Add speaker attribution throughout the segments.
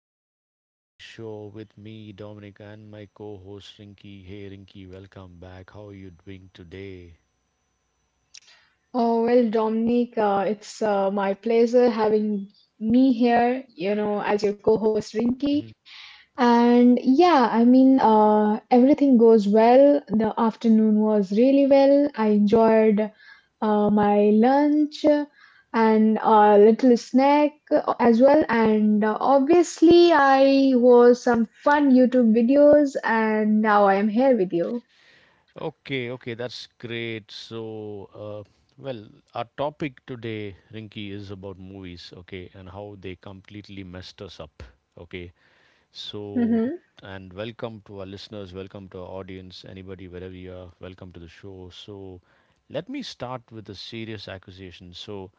Speaker 1: to the evening show with me, Dominic, and my co host, Rinky. Hey, Rinky, welcome back. How are you doing today?
Speaker 2: Oh, well, Dominique, it's my pleasure having me here, as your co-host Rinki.
Speaker 1: Mhm.
Speaker 2: And yeah, I mean, everything goes well. The afternoon was really well. I enjoyed my lunch and a little snack as well. And obviously, I watched some fun YouTube videos, and now I am here with you.
Speaker 1: Okay, okay, that's great. Uh, well, our topic today, Rinky, is about movies, okay, and how they completely messed us up, okay.
Speaker 2: Mm-hmm.
Speaker 1: So, and welcome to our listeners, welcome to our audience, anybody, wherever you are, welcome to the show. So, let me start with a serious accusation. So,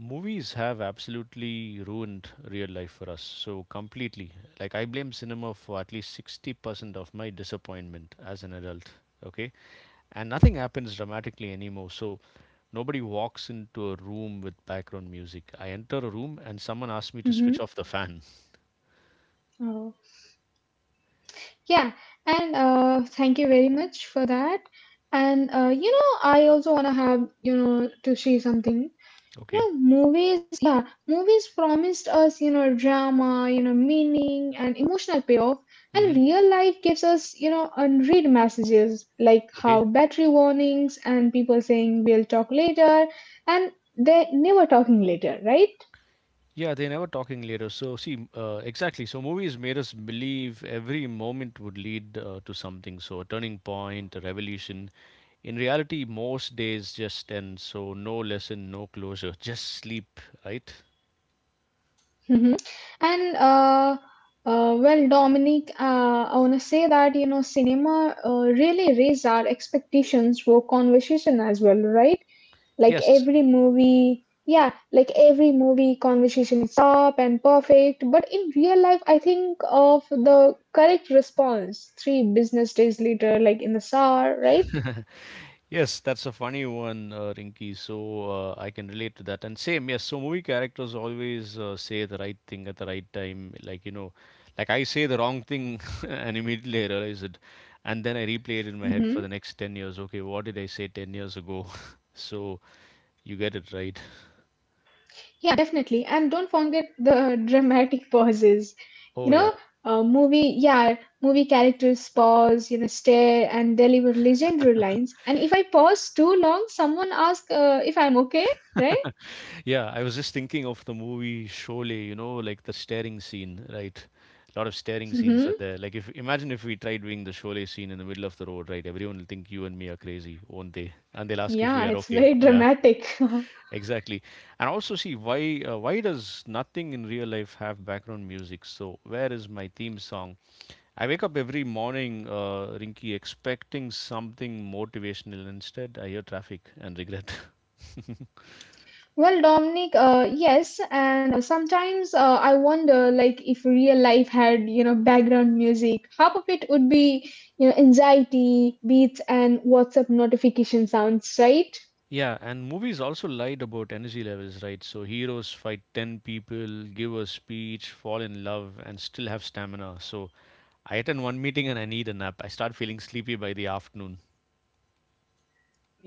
Speaker 1: movies have absolutely ruined real life for us. So, completely. Like, I blame cinema for at least 60% of my disappointment as an adult. Okay. And nothing happens dramatically anymore. So, nobody walks into a room with background music. I enter a room and someone asks me to
Speaker 2: Mm-hmm.
Speaker 1: switch off the fan.
Speaker 2: Yeah, and thank you very much for that. And you know, I also wanna have to say something. You
Speaker 1: Okay.
Speaker 2: know, movies. Yeah, movies promised us drama, meaning and emotional payoff.
Speaker 1: Mm-hmm.
Speaker 2: And real life gives us unread messages like
Speaker 1: Okay.
Speaker 2: how battery warnings and people saying we'll talk later, and they're never talking later, right?
Speaker 1: Yeah, they are never talking later. So see, exactly. So movies made us believe every moment would lead to something. So a turning point, a revolution. In reality, most days just end. So no lesson, no closure, just sleep, right?
Speaker 2: And well, Dominic, I want to say that, you know, cinema really raised our expectations for conversation as well, right?
Speaker 1: Yes.
Speaker 2: Like every movie conversation is up and perfect. But in real life, I think of the correct response three business days later, like in the SAR, right?
Speaker 1: Yes, that's a funny one, Rinky. So I can relate to that. And same, yes. So movie characters always say the right thing at the right time. Like you know, like I say the wrong thing, and immediately I realize it, and then I replay it in my head for
Speaker 2: Mhm.
Speaker 1: the next 10 years. Okay, what did I say 10 years ago? So you get it right.
Speaker 2: Yeah, definitely. And don't forget the dramatic pauses.
Speaker 1: Oh
Speaker 2: You
Speaker 1: yeah.
Speaker 2: know, movie, yeah, movie characters pause, you know, stare and deliver legendary lines. If I pause too long, someone asks if I'm okay, right?
Speaker 1: Yeah, I was just thinking of the movie Sholay, you know, like the staring scene, right? A lot of staring scenes
Speaker 2: Mhm.
Speaker 1: are there. Like if imagine if we try doing the Sholay scene in the middle of the road, right? Everyone will think you and me are crazy, won't they? And they'll ask if we
Speaker 2: Yeah,
Speaker 1: are
Speaker 2: it's
Speaker 1: okay.
Speaker 2: very
Speaker 1: Yeah,
Speaker 2: dramatic.
Speaker 1: exactly. And also see why does nothing in real life have background music? So where is my theme song? I wake up every morning, Rinky, expecting something motivational. Instead, I hear traffic and regret.
Speaker 2: Well, Dominic, yes, and sometimes I wonder, like, if real life had, you know, background music, half of it would be, you know, anxiety, beats, and WhatsApp notification sounds, right?
Speaker 1: Yeah, and movies also lied about energy levels, right? So heroes fight 10 people, give a speech, fall in love, and still have stamina. So I attend one meeting and I need a nap. I start feeling sleepy by the afternoon.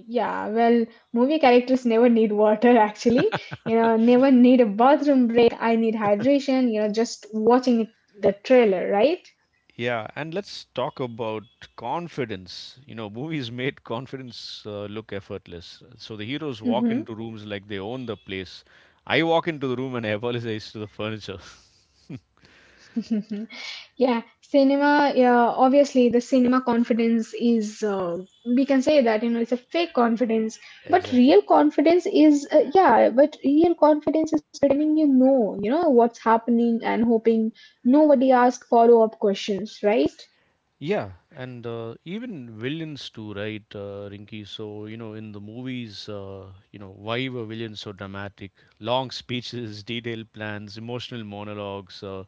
Speaker 2: Yeah, well, movie characters never need water actually. You know, never need a bathroom break. I need hydration, you know, just watching it, the trailer, right?
Speaker 1: Yeah, and let's talk about confidence. You know, movies made confidence look effortless. So the heroes walk
Speaker 2: Hmm.
Speaker 1: into rooms like they own the place. I walk into the room and I apologize to the furniture.
Speaker 2: Yeah, obviously the cinema confidence is, we can say that, you know, it's a fake confidence, but
Speaker 1: Exactly.
Speaker 2: real confidence is, but real confidence is pretending you know what's happening and hoping nobody asks follow-up questions, right?
Speaker 1: Yeah, and even villains too, right, Rinky? So, you know, in the movies, you know, why were villains so dramatic? Long speeches, detailed plans, emotional monologues,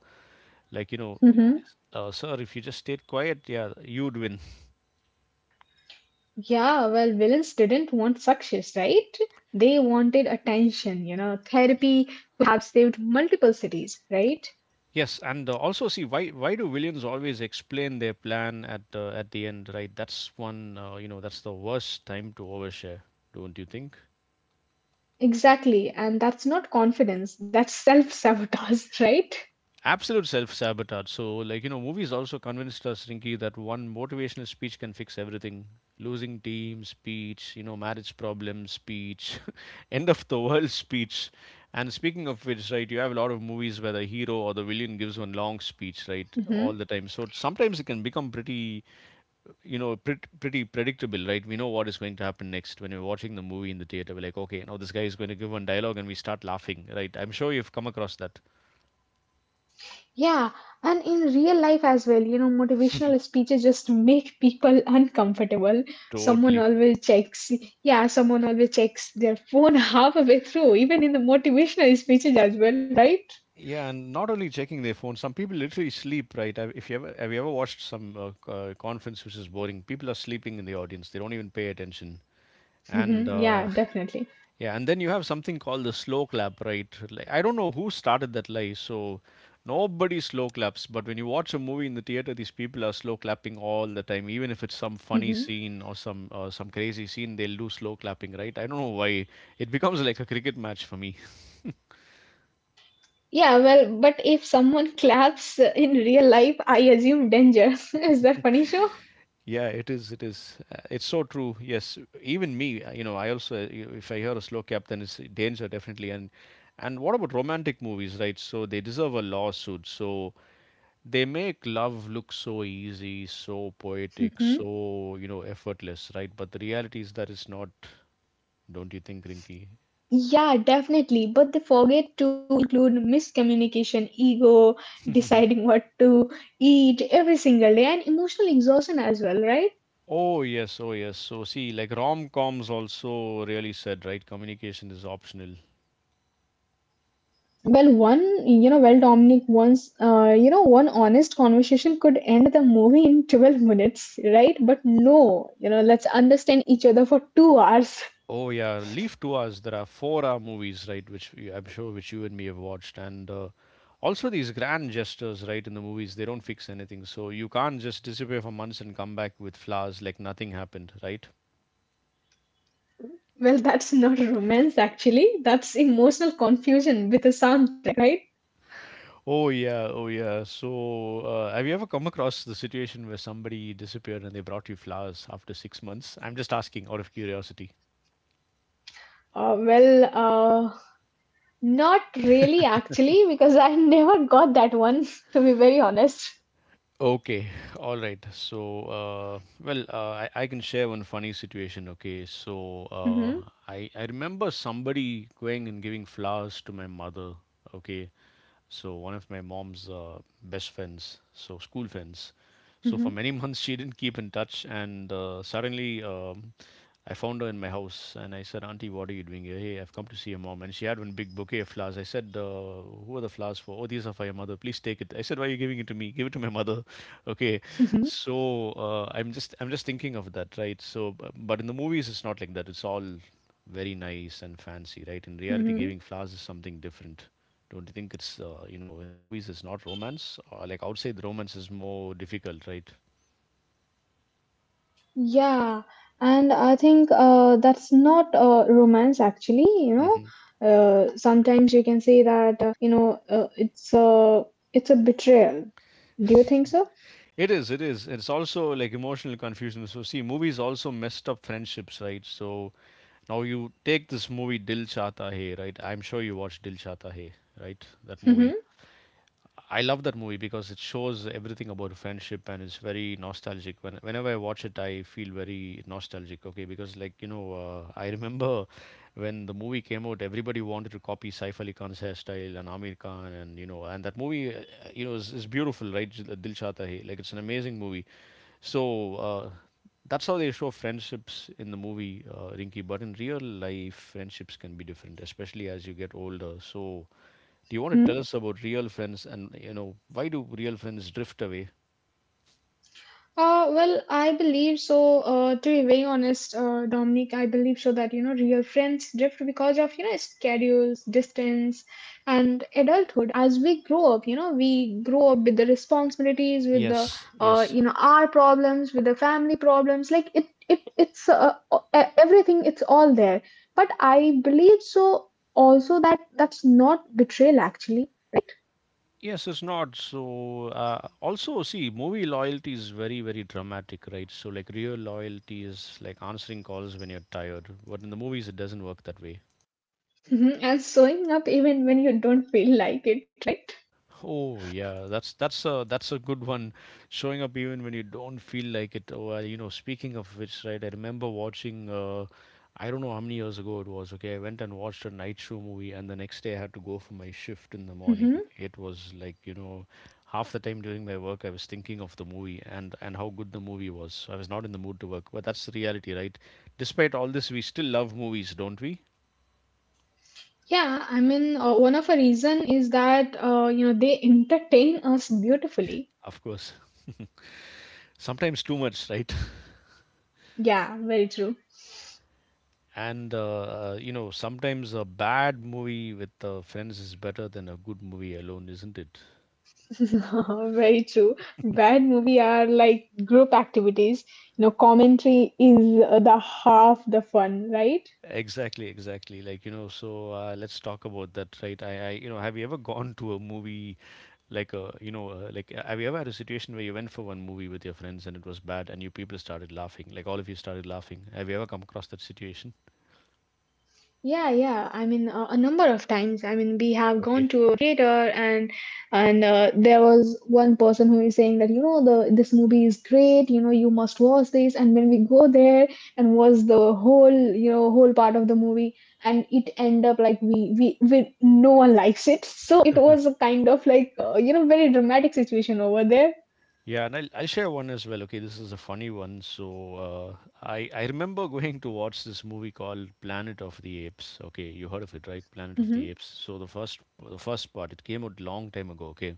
Speaker 1: like, you know, sir, if you just stayed quiet, yeah, you'd win.
Speaker 2: Yeah, well, villains didn't want success, right? They wanted attention, you know. Therapy have saved multiple cities, right?
Speaker 1: Yes, and also see why do villains always explain their plan at the end, right? That's one, that's the worst time to overshare, don't you think?
Speaker 2: Exactly, and that's not confidence, that's self-sabotage, right?
Speaker 1: Absolute self sabotage. So, like, you know, movies also convinced us, Rinky, that one motivational speech can fix everything. Losing team speech, you know, marriage problems speech, end of the world speech. And speaking of which, right, you have a lot of movies where the hero or the villain gives one long speech, right,
Speaker 2: Hmm.
Speaker 1: all the time. So sometimes it can become pretty, you know, pretty predictable, right? We know what is going to happen next when we're watching the movie in the theater. We're like, okay, now this guy is going to give one dialogue and we start laughing, right? I'm sure you've come across that.
Speaker 2: Yeah, and in real life as well, you know, motivational speeches just make people uncomfortable. Someone
Speaker 1: Totally.
Speaker 2: always checks, yeah, someone always checks their phone halfway through, even in the motivational speeches as well, right?
Speaker 1: Yeah, and not only checking their phone, some people literally sleep, right? Have- If you ever have you ever watched some conference which is boring, people are sleeping in the audience. They don't even pay attention. And
Speaker 2: Hmm. Yeah, definitely.
Speaker 1: yeah, and then you have something called the slow clap, right? Like, I don't know who started that lie, so nobody slow claps. But when you watch a movie in the theater, these people are slow clapping all the time. Even if it's some funny
Speaker 2: Hmm.
Speaker 1: scene or some crazy scene, they'll do slow clapping, right? I don't know why. It becomes like a cricket match for me.
Speaker 2: Yeah, well, but if someone claps in real life, I assume danger. Is that funny show?
Speaker 1: Yeah, it is. It is. It's so true. Yes, even me. You know, I also if I hear a slow cap, then it's danger definitely. And what about romantic movies, right? So they deserve a lawsuit. So they make love look so easy, so poetic,
Speaker 2: Hmm.
Speaker 1: so you know effortless, right? But the reality is that it's not. Don't you think, Rinky?
Speaker 2: Yeah, definitely. But they forget to include miscommunication, ego, deciding what to eat every single day, and emotional exhaustion as well, right?
Speaker 1: Oh yes, oh yes. So see, like rom coms also really said, right? Communication is optional.
Speaker 2: Well, Dominic, once, one honest conversation could end the movie in 12 minutes, right? But no, you know, let's understand each other for 2 hours.
Speaker 1: Oh yeah, Leave to Us. There are four-hour movies, right? Which I'm sure which you and me have watched, and also these grand gestures, right? In the movies, they don't fix anything, so you can't just disappear for months and come back with flowers like nothing happened, right?
Speaker 2: Well, that's not romance actually. That's emotional confusion with a soundtrack, right?
Speaker 1: Oh yeah, oh yeah. So have you ever come across the situation where somebody disappeared and they brought you flowers after 6 months? I'm just asking out of curiosity.
Speaker 2: Uh, well, uh, not really actually, because I never got that one, to be very honest.
Speaker 1: Okay, all right. So, I can share one funny situation. Okay, so
Speaker 2: Mhm,
Speaker 1: uh, I I remember somebody going and giving flowers to my mother. Okay, so one of my mom's best friends, so school friends. So
Speaker 2: mhm,
Speaker 1: for many months she didn't keep in touch, and suddenly I found her in my house, and I said, "Auntie, what are you doing here?" Hey, I've come to see your mom, and she had one big bouquet of flowers. I said, "Who are the flowers for?" Oh, these are for your mother. Please take it. I said, "Why are you giving it to me? Give it to my mother." Okay,
Speaker 2: mhm,
Speaker 1: so I'm just thinking of that, right? So, but in the movies it's not like that. It's all very nice and fancy, right? In reality,
Speaker 2: mhm.
Speaker 1: giving flowers is something different. Don't you think it's you know in the movies it's not romance? Like outside the romance is more difficult, right?
Speaker 2: Yeah, and I think that's not romance actually, you know.
Speaker 1: hmm
Speaker 2: Sometimes you can say that you know uh, it's a it's a betrayal. Do you think so?
Speaker 1: It is, it is. It's also like emotional confusion. So see, movies also messed up friendships, right? So now you take this movie Dil Chahta Hai, right? I'm sure you watched Dil Chahta Hai, right? That movie. I love that movie because it shows everything about friendship and it's very nostalgic. Whenever I watch it, I feel very nostalgic. Okay, because like you know, I remember when the movie came out, everybody wanted to copy Saif Ali Khan's hairstyle and Amir Khan, and you know, and that movie, is beautiful, right? Dil Chahta Hai, like it's an amazing movie. So. Uh, that's how they show friendships in the movie, Rinky. But in real life, friendships can be different, especially as you get older. So, do you want to tell
Speaker 2: Mhm.
Speaker 1: us about real friends and you know why do real friends drift away?
Speaker 2: Well, I believe so. To be very honest, Dominic, I believe so that you know real friends drift because of you know schedules, distance, and adulthood. As we grow up, you know, we grow up with the responsibilities, with the
Speaker 1: Yes,
Speaker 2: you
Speaker 1: yes.
Speaker 2: know, our problems, with the family problems. Like it's everything. It's all there. But I believe so also that that's not betrayal actually.
Speaker 1: Yes, it's not. So also see, movie loyalty is very dramatic, right? So like real loyalty is like answering calls when you're tired, but in the movies it doesn't work that way.
Speaker 2: Mhm, and showing up even when you don't feel like it, right?
Speaker 1: Oh yeah, that's a good one. Showing up even when you don't feel like it. Oh, you know, speaking of which, right? I remember watching. I don't know how many years ago it was. Okay, I went and watched a night show movie, and the next day I had to go for my shift in the morning.
Speaker 2: Mm-hmm.
Speaker 1: It was like you know, half the time during my work I was thinking of the movie and how good the movie was. So I was not in the mood to work, but that's the reality, right? Despite all this, we still love movies, don't we?
Speaker 2: Yeah, I mean, one of a reason is that you know they entertain us beautifully.
Speaker 1: Of course. Sometimes too much, right?
Speaker 2: Yeah, very true.
Speaker 1: And you know, sometimes a bad movie with friends is better than a good movie alone, isn't it?
Speaker 2: Very true. Bad movie are like group activities. You know, commentary is the half the fun, right?
Speaker 1: Exactly, exactly. Like you know, so let's talk about that, right? You know, have you ever gone to a movie like, have you ever had a situation where you went for one movie with your friends and it was bad and you people started laughing, like all of you started laughing? Have you ever come across that situation?
Speaker 2: Yeah, yeah. I mean, a number of times. I mean, we have gone to a theater and there was one person who is saying that you know the this movie is great. You know, you must watch this. And when we go there and watch the whole whole part of the movie, and it end up like we no one likes it. So it was a kind of like you know very dramatic situation over there.
Speaker 1: Yeah, and I'll share one as well. Okay, this is a funny one. So uh, I remember going to watch this movie called Planet of the Apes. Okay, you heard of it, right? Planet of
Speaker 2: Hmm.
Speaker 1: the Apes. So the first part it came out long time ago. Okay,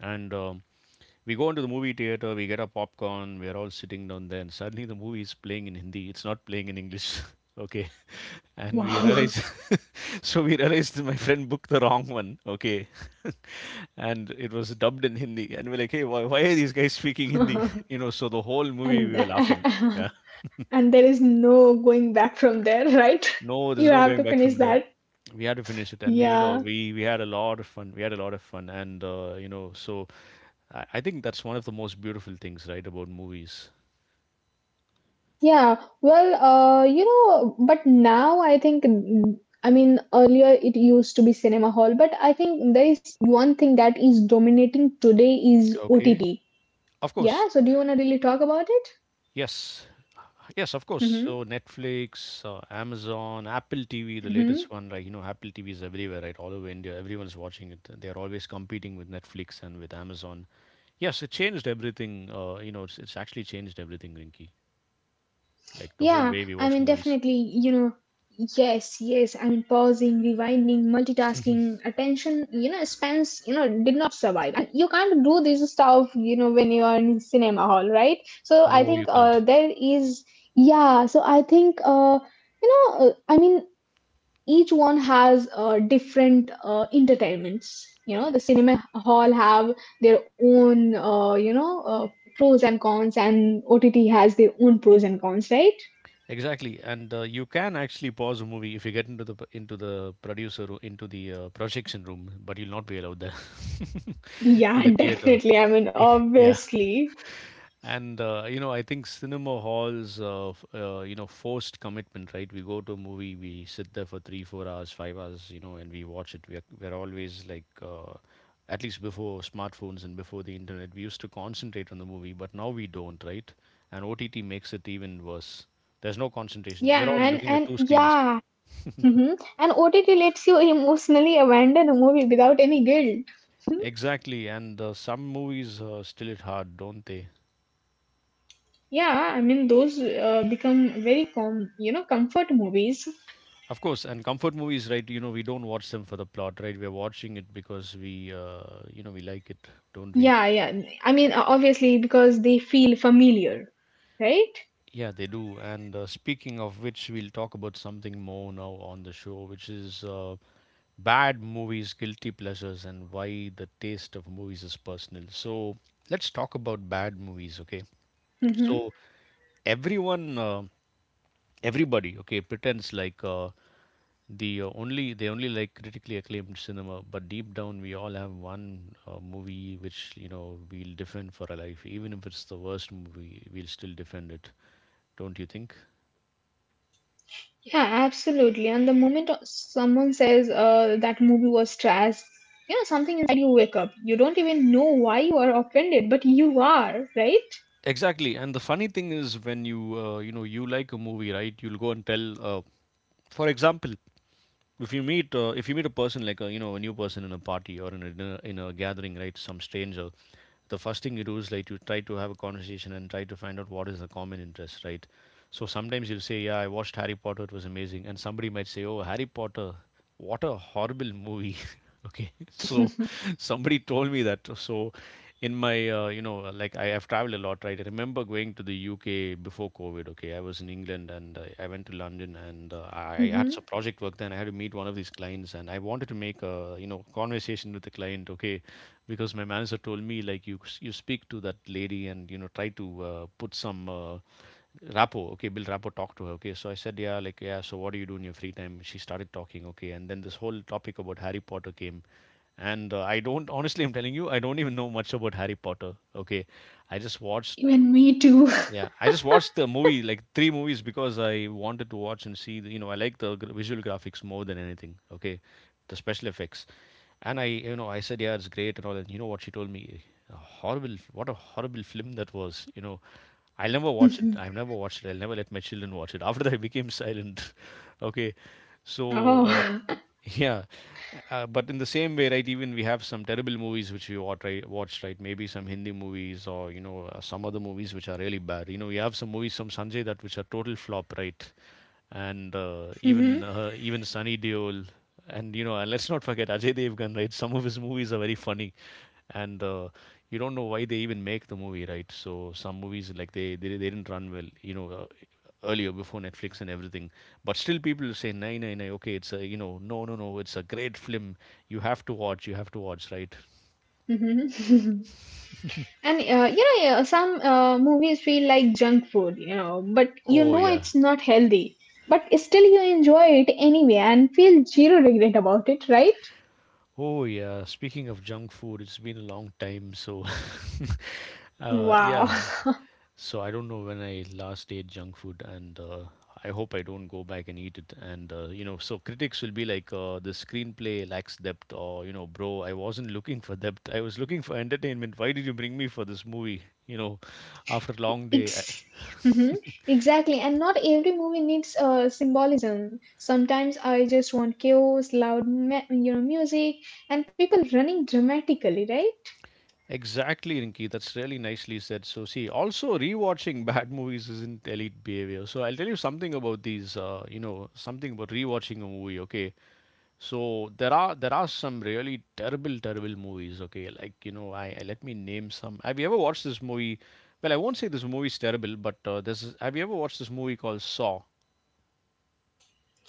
Speaker 1: and we go into the movie theater, we get our popcorn, we're all sitting down there, and suddenly the movie is playing in Hindi. It's not playing in English. Okay. And we
Speaker 2: Wow.
Speaker 1: realize, we realized that my friend booked the wrong one. Okay. And it was dubbed in Hindi. And we're like, hey, why are these guys speaking Hindi? So the whole movie we were laughing. Yeah.
Speaker 2: And there is no going back from there, right?
Speaker 1: No, there's
Speaker 2: You
Speaker 1: no
Speaker 2: have
Speaker 1: going
Speaker 2: to
Speaker 1: back from
Speaker 2: finish
Speaker 1: there.
Speaker 2: that.
Speaker 1: We had to finish it, and we, you know,
Speaker 2: Yeah.
Speaker 1: we had a lot of fun. We had a lot of fun, and so I think that's one of the most beautiful things, right, about movies.
Speaker 2: Yeah, well, you know, but now I think, I mean, earlier it used to be cinema hall, but I think there is one thing that is dominating today is
Speaker 1: Okay.
Speaker 2: OTT.
Speaker 1: Of course,
Speaker 2: Yeah, so do you want to really talk about
Speaker 1: yes, yes, of course.
Speaker 2: it?
Speaker 1: So Netflix, Amazon, Apple TV, the
Speaker 2: Mhm.
Speaker 1: latest one, like you know, Apple TV is everywhere, right? All over India, everyone's watching it. They are always competing with Netflix and with Amazon. Yes, it changed everything. It's actually changed everything, Rinky. Like the whole
Speaker 2: Yeah,
Speaker 1: way we
Speaker 2: I
Speaker 1: watch
Speaker 2: mean,
Speaker 1: movies.
Speaker 2: definitely, you know, yes, yes. I mean, pausing, rewinding, multitasking, attention, you know, spans, you know, did not survive. And you can't do this stuff, you know, when you are in cinema hall, right? So I
Speaker 1: No,
Speaker 2: think
Speaker 1: you
Speaker 2: uh,
Speaker 1: can't.
Speaker 2: there is, yeah, so I think, I mean, each one has different entertainments. You know, the cinema hall have their own, pros and cons, and OTT has their own pros and cons, right?
Speaker 1: Exactly, and you can actually pause a movie if you get into the into the into the projection room, but you'll not be allowed there
Speaker 2: Yeah,
Speaker 1: in the theater.
Speaker 2: definitely. I mean,
Speaker 1: Yeah.
Speaker 2: obviously.
Speaker 1: I think cinema halls, forced commitment, right? We go to a movie, we sit there for three, 4 hours, 5 hours, you know, and we watch it. We're always like, at least before smartphones and before the internet, we used to concentrate on the movie, but now we don't, right? And OTT makes it even worse. There's no concentration.
Speaker 2: Yeah,
Speaker 1: We're all looking at
Speaker 2: and
Speaker 1: two screens.
Speaker 2: yeah. Hmm. And OTT lets you emotionally abandon a movie without any guilt. Mhm.
Speaker 1: Exactly, and some movies still hit hard, don't they?
Speaker 2: Yeah, I mean those become very com you know comfort movies.
Speaker 1: Of course, and comfort movies, right? We don't watch them for the plot, right? We're watching it because we like it, don't we?
Speaker 2: Yeah, yeah. I mean obviously because they feel familiar, right?
Speaker 1: Yeah, they do. And speaking of which, we'll talk about something more now on the show, which is bad movies, guilty pleasures, and why the taste of movies is personal. So let's talk about bad movies, okay?
Speaker 2: Hmm.
Speaker 1: So everyone, uh, everybody, okay, pretends like they only like critically acclaimed cinema, but deep down we all have one movie which, you know, we'll defend for our life. Even if it's the worst movie, we'll still defend it, don't you think?
Speaker 2: Yeah, absolutely. And the moment someone says that movie was trash, you know something inside you wake up. You don't even know why you are offended, but you are, right?
Speaker 1: Exactly, and the funny thing is, when you you know you like a movie, right, you'll go and tell, for example, if you meet a person, like a, you know, a new person, in a party or in a dinner, in a gathering, right, some stranger, the first thing you do is like you try to have a conversation and try to find out what is the common interest, right? So sometimes you'll say, yeah, I watched Harry Potter, it was amazing. And somebody might say, oh, Harry Potter, what a horrible movie. Okay. So somebody told me that. So in my, I have traveled a lot, right? I remember going to the UK before COVID. Okay, I was in England, and I went to London, and I had some project work, and I had to meet one of these clients, and I wanted to make a, you know, conversation with the client, okay, because my manager told me, like, you speak to that lady and, you know, try to, put some rapport, okay, build rapport, talk to her, okay. So I said, yeah, like, yeah. So what do you do in your free time? She started talking, okay, and then this whole topic about Harry Potter came, and I don't, honestly, I'm telling you, I don't even know much about Harry Potter, okay. I just watched,
Speaker 2: Even me too.
Speaker 1: yeah, I just watched the movie, like, three movies, because I wanted to watch and see. The, you know, I like the visual graphics more than anything. Okay, the special effects, and I, you know, I said, yeah, it's great and all that. You know what she told me? A horrible, what a horrible film that was. You know, I'll never watch it. I've never watched it. I'll never let my children watch it. After that, I became silent. Okay, so
Speaker 2: Oh.
Speaker 1: yeah, but in the same way, right? Even we have some terrible movies which we watch, right? Watch, right? Maybe some Hindi movies or, you know, some other movies which are really bad. You know, we have some movies from Sanjay that which are total flop, right? And
Speaker 2: Hmm.
Speaker 1: even Sunny Deol, and, you know, and let's not forget Ajay Devgan, right? Some of his movies are very funny, and you don't know why they even make the movie, right? So some movies, like, they didn't run well, you know, earlier, before Netflix and everything, but still people say, nine nine nine, okay, it's a, you know, no, no, no, it's a great film, you have to watch, you have to watch, right?
Speaker 2: Hmm. And you know, yeah, some movies feel like junk food, you know, but you
Speaker 1: Oh
Speaker 2: know
Speaker 1: yeah.
Speaker 2: it's not healthy. But still, you enjoy it anyway and feel zero regret about it, right?
Speaker 1: Oh yeah, speaking of junk food, it's been a long time, so
Speaker 2: Wow.
Speaker 1: yeah, so I don't know when I last ate junk food, and I hope I don't go back and eat it. And, you know, so critics will be like, "The screenplay lacks depth," or, you know, "Bro, I wasn't looking for depth. I was looking for entertainment. Why did you bring me for this movie?" You know, after a long day. I-
Speaker 2: Ex- Mhm. Exactly. And not every movie needs symbolism. Sometimes I just want chaos, loud, you know, music, and people running dramatically, right?
Speaker 1: exactly, Rinki. That's really nicely said. So see, also rewatching bad movies isn't elite behavior. So I'll tell you something about these. You know, something about rewatching a movie. Okay. So there are some really terrible, terrible movies. Okay, like, you know, I let me name some. Have you ever watched this movie? Well, I won't say this movie is terrible, but this is. Have you ever watched this movie called Saw?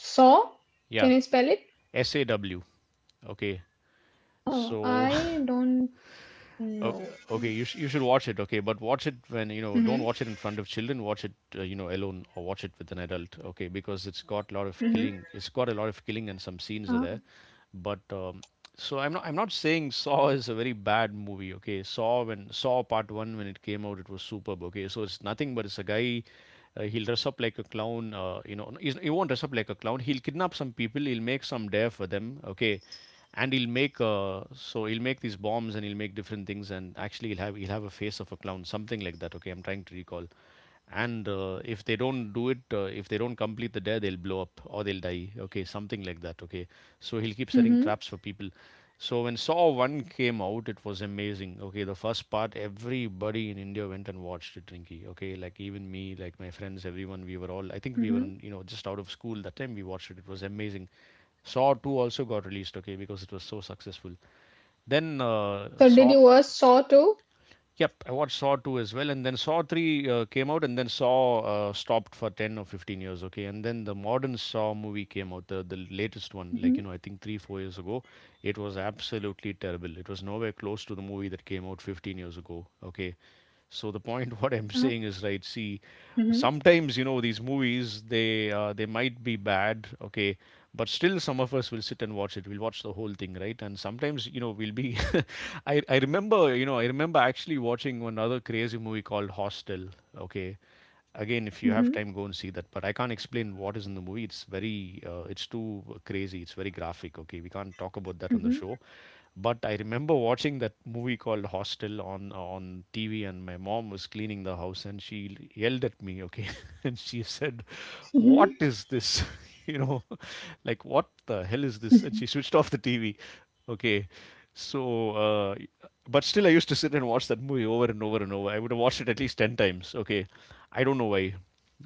Speaker 2: So,
Speaker 1: Yeah,
Speaker 2: can you spell it?
Speaker 1: Saw. Okay,
Speaker 2: Oh,
Speaker 1: so
Speaker 2: I don't
Speaker 1: o-
Speaker 2: know.
Speaker 1: okay, you should watch it. Okay, but watch it when you know.
Speaker 2: Mm-hmm.
Speaker 1: Don't watch it in front of children. Watch it you know, alone, or watch it with an adult. Okay, because it's got a lot of
Speaker 2: Mm-hmm.
Speaker 1: killing. It's got a lot of killing and some scenes are
Speaker 2: Ah.
Speaker 1: there, but so I'm not saying Saw is a very bad movie. Okay, Saw, when Saw Part One, when it came out, it was superb. Okay, so it's nothing, but it's a guy. He'll dress up like a clown. No, he won't dress up like a clown. He'll kidnap some people. He'll make some dare for them. Okay, and he'll make, he'll make these bombs and he'll make different things. And actually, he'll have a face of a clown, something like that. Okay, I'm trying to recall, and if they don't complete the dare, they'll blow up or they'll die, okay, something like that, okay. So he'll keep setting
Speaker 2: Mm-hmm.
Speaker 1: traps for people. So when Saw 1 came out, it was amazing. Okay, the first part, everybody in India went and watched it, Rinky. Okay, like, even me, like my friends, everyone, we were all, I think we were
Speaker 2: Mm-hmm.
Speaker 1: in, you know, just out of school that time, we watched it, it was amazing. Saw 2 also got released, okay, because it was so successful. Then
Speaker 2: So
Speaker 1: Saw,
Speaker 2: did you watch Saw too?
Speaker 1: yep, I watched Saw 2 as well, and then Saw 3 came out, and then Saw stopped for 10 or 15 years, okay? And then the modern Saw movie came out, the latest one, like,
Speaker 2: Mm-hmm.
Speaker 1: you know, I think three, 4 years ago. It was absolutely terrible. It was nowhere close to the movie that came out 15 years ago, okay? So the point what I'm
Speaker 2: Ah.
Speaker 1: saying is, right. See,
Speaker 2: Mm-hmm.
Speaker 1: sometimes you know these movies they might be bad, okay, but still some of us will sit and watch it, we'll watch the whole thing, right? And sometimes you know we'll be I remember, you know, I remember actually watching another crazy movie called Hostel. Okay, again, if you have
Speaker 2: Mm-hmm.
Speaker 1: time go and see that, but I can't explain what is in the movie. It's very it's too crazy, it's very graphic. Okay, we can't talk about that on the show,
Speaker 2: Mm-hmm.
Speaker 1: but I remember watching that movie called Hostel on TV, and my mom was cleaning the house, and she yelled at me, okay, and she said, "What
Speaker 2: Mm-hmm.
Speaker 1: is this? you know, like what the hell is this?" And she switched off the TV, okay. So, but still, I used to sit and watch that movie over and over and over. I would have watched it at least ten times, okay. I don't know why.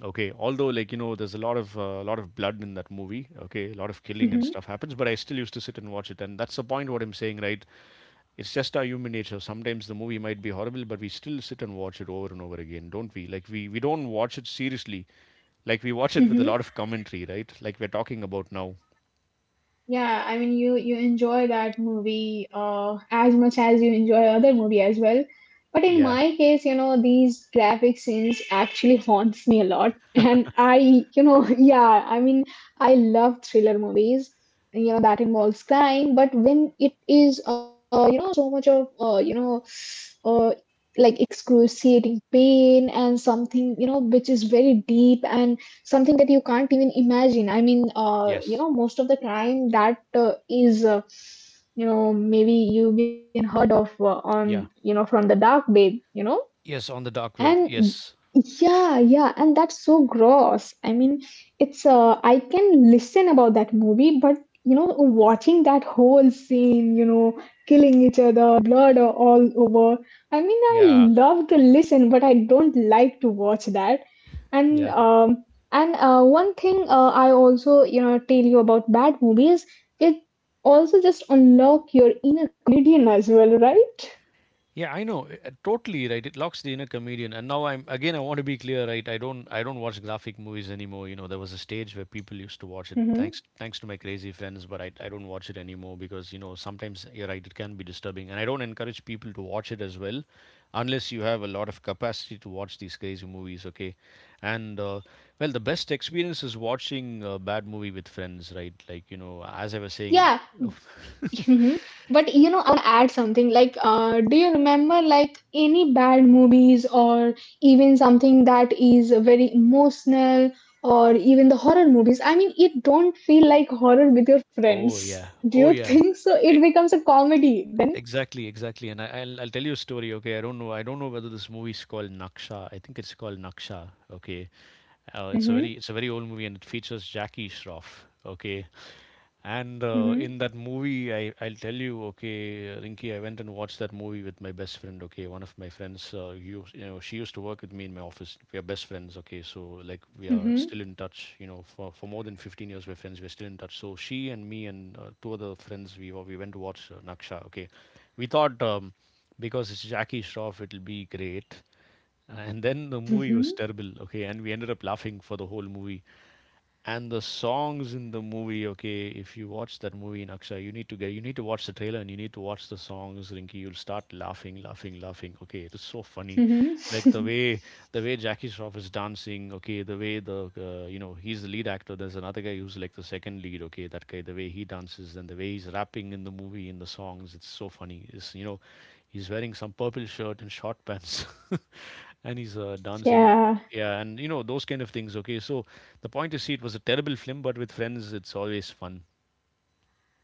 Speaker 1: Okay, although like you know, there's a lot of blood in that movie. Okay, a lot of killing and stuff
Speaker 2: Mm-hmm.
Speaker 1: happens, but I still used to sit and watch it, and that's the point. What I'm saying, right? It's just our human nature. Sometimes the movie might be horrible, but we still sit and watch it over and over again, don't we? Like we don't watch it seriously. Like we watch it with a
Speaker 2: Mm-hmm.
Speaker 1: lot of commentary, right? Like we're talking about now.
Speaker 2: Yeah, I mean you you enjoy that movie as much as you enjoy other movie as well. But in
Speaker 1: Yeah.
Speaker 2: my case, you know, these graphic scenes actually haunts me a lot. And I, you know, yeah, I mean, I love thriller movies, you know, that involves crime, but when it is you know, so much of uh, like excruciating pain and something, you know, which is very deep and something that you can't even imagine. I mean you
Speaker 1: Yes.
Speaker 2: know most of the time that is you know maybe you've been heard of on
Speaker 1: Yeah.
Speaker 2: you know from the dark web, you know,
Speaker 1: Yes. On the dark web.
Speaker 2: and
Speaker 1: Yes.
Speaker 2: yeah, yeah, and that's so gross. I mean, it's I can listen about that movie, but you know, watching that whole scene, you know, killing each other, blood all over. I mean, I
Speaker 1: Yeah.
Speaker 2: love to listen, but I don't like to watch that. And
Speaker 1: Yeah.
Speaker 2: one thing I also you know tell you about bad movies, it also just unlock your inner comedian as well, right?
Speaker 1: Yeah, I know. Totally right. It locks the inner comedian. And now I'm again, I want to be clear, right? I don't watch graphic movies anymore. You know, there was a stage where people used to watch it,
Speaker 2: Hmm.
Speaker 1: thanks to my crazy friends, but I don't watch it anymore because, you know, sometimes you're right, it can be disturbing. And I don't encourage people to watch it as well unless you have a lot of capacity to watch these crazy movies, okay? And well, the best experience is watching a bad movie with friends, right? Like, you know, as I was saying,
Speaker 2: Yeah. Mhm. But you know, I want to add something. Like, do you remember like any bad movies or even something that is very emotional or even the horror movies? I mean, it don't feel like horror with your
Speaker 1: oh
Speaker 2: friends.
Speaker 1: yeah.
Speaker 2: Do
Speaker 1: Oh
Speaker 2: you
Speaker 1: yeah.
Speaker 2: think so? It becomes a comedy.
Speaker 1: Exactly, exactly. And I'll tell you a story. Okay, I don't know. I don't know whether this movie is called Naksha. I think it's called Naksha. Okay, it's a
Speaker 2: Mm-hmm,
Speaker 1: very old movie and it features Jackie Shroff. Okay, and
Speaker 2: mm-hmm,
Speaker 1: in that movie, I'll tell you, okay, Rinki, I went and watched that movie with my best friend, okay, one of my friends, you know, she used to work with me in my office. We are best friends, okay, so like we are
Speaker 2: mm-hmm,
Speaker 1: still in touch, you know, for more than 15 years, we're friends, we're still in touch. So she and me and two other friends, we went to watch Naksha, okay. We thought because it's Jackie Shroff, it'll be great. And then the movie was
Speaker 2: mm-hmm,
Speaker 1: terrible, okay, and we ended up laughing for the whole movie, and the songs in the movie. Okay, if you watch that movie, in Aksha, you need to watch the trailer and you need to watch the songs, Rinky. You'll start laughing, laughing, laughing. Okay, it is so funny, like the
Speaker 2: mm-hmm.
Speaker 1: way jackie shroff is dancing. Okay, the way the you know, he's the lead actor. There's another guy who's like the second lead. Okay, that guy, the way he dances and the way he's rapping in the movie, in the songs, it's so funny. It's, you know, he's wearing some purple shirt and short pants and he's dancing,
Speaker 2: Yeah.
Speaker 1: yeah. And you know those kind of things, okay. So the point is, see, it was a terrible film, but with friends, it's always fun,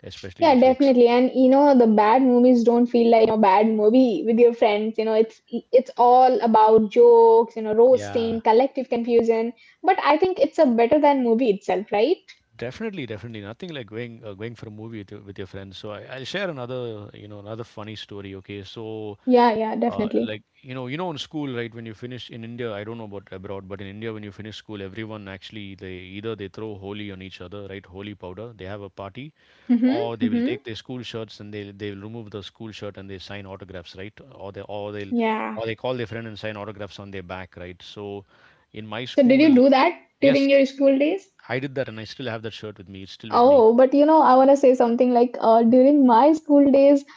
Speaker 1: especially the
Speaker 2: Yeah,
Speaker 1: jokes.
Speaker 2: definitely. And you know, the bad movies don't feel like you know bad movie with your friends. You know, it's all about jokes, you know, roasting,
Speaker 1: Yeah.
Speaker 2: collective confusion. But I think it's a better than movie itself, right?
Speaker 1: Definitely, definitely. Nothing like going for a movie with your friends. So I'll share another, you know, another funny story. Okay, so
Speaker 2: Yeah, yeah, definitely.
Speaker 1: like you know, in school, right? When you finish in India, I don't know about abroad, but in India, when you finish school, everyone actually, they either they throw holy on each other, right? Holy powder. They have a party,
Speaker 2: Mm-hmm.
Speaker 1: or they will
Speaker 2: Mm-hmm.
Speaker 1: take their school shirts and they'll remove the school shirt and they sign autographs, right? Or they'll or
Speaker 2: Yeah.
Speaker 1: they call their friend and sign autographs on their back, right? So in my
Speaker 2: So did you
Speaker 1: school,
Speaker 2: do that
Speaker 1: yes,
Speaker 2: during your school days?
Speaker 1: I did that, and I still have that shirt with me. It's still with me.
Speaker 2: Oh, but you know, I want to say something like during my school days,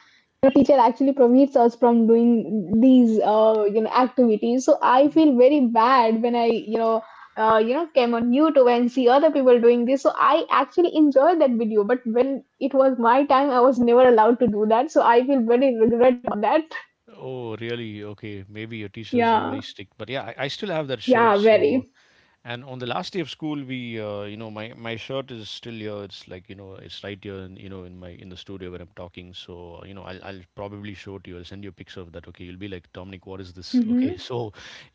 Speaker 2: the teacher actually prohibits us from doing these, activities. So I feel very bad when I, you know came on YouTube and see other people doing this, so I actually enjoyed that video, but when it was my time I was never allowed to do that, so I feel very regret about that.
Speaker 1: Oh, really? Okay. Maybe your teachers were
Speaker 2: Yeah,
Speaker 1: very strict, but yeah, I still have that
Speaker 2: yeah,
Speaker 1: shirt.
Speaker 2: well.
Speaker 1: So. And on the last day of school, we, you know, my shirt is still here. It's like, you know, it's right here, in, you know, in my, in the studio where I'm talking. So, you know, I'll probably show it to you. I'll send you a picture of that. Okay, you'll be like, "Dominic, what is this?" Okay, so,
Speaker 2: Mm-hmm.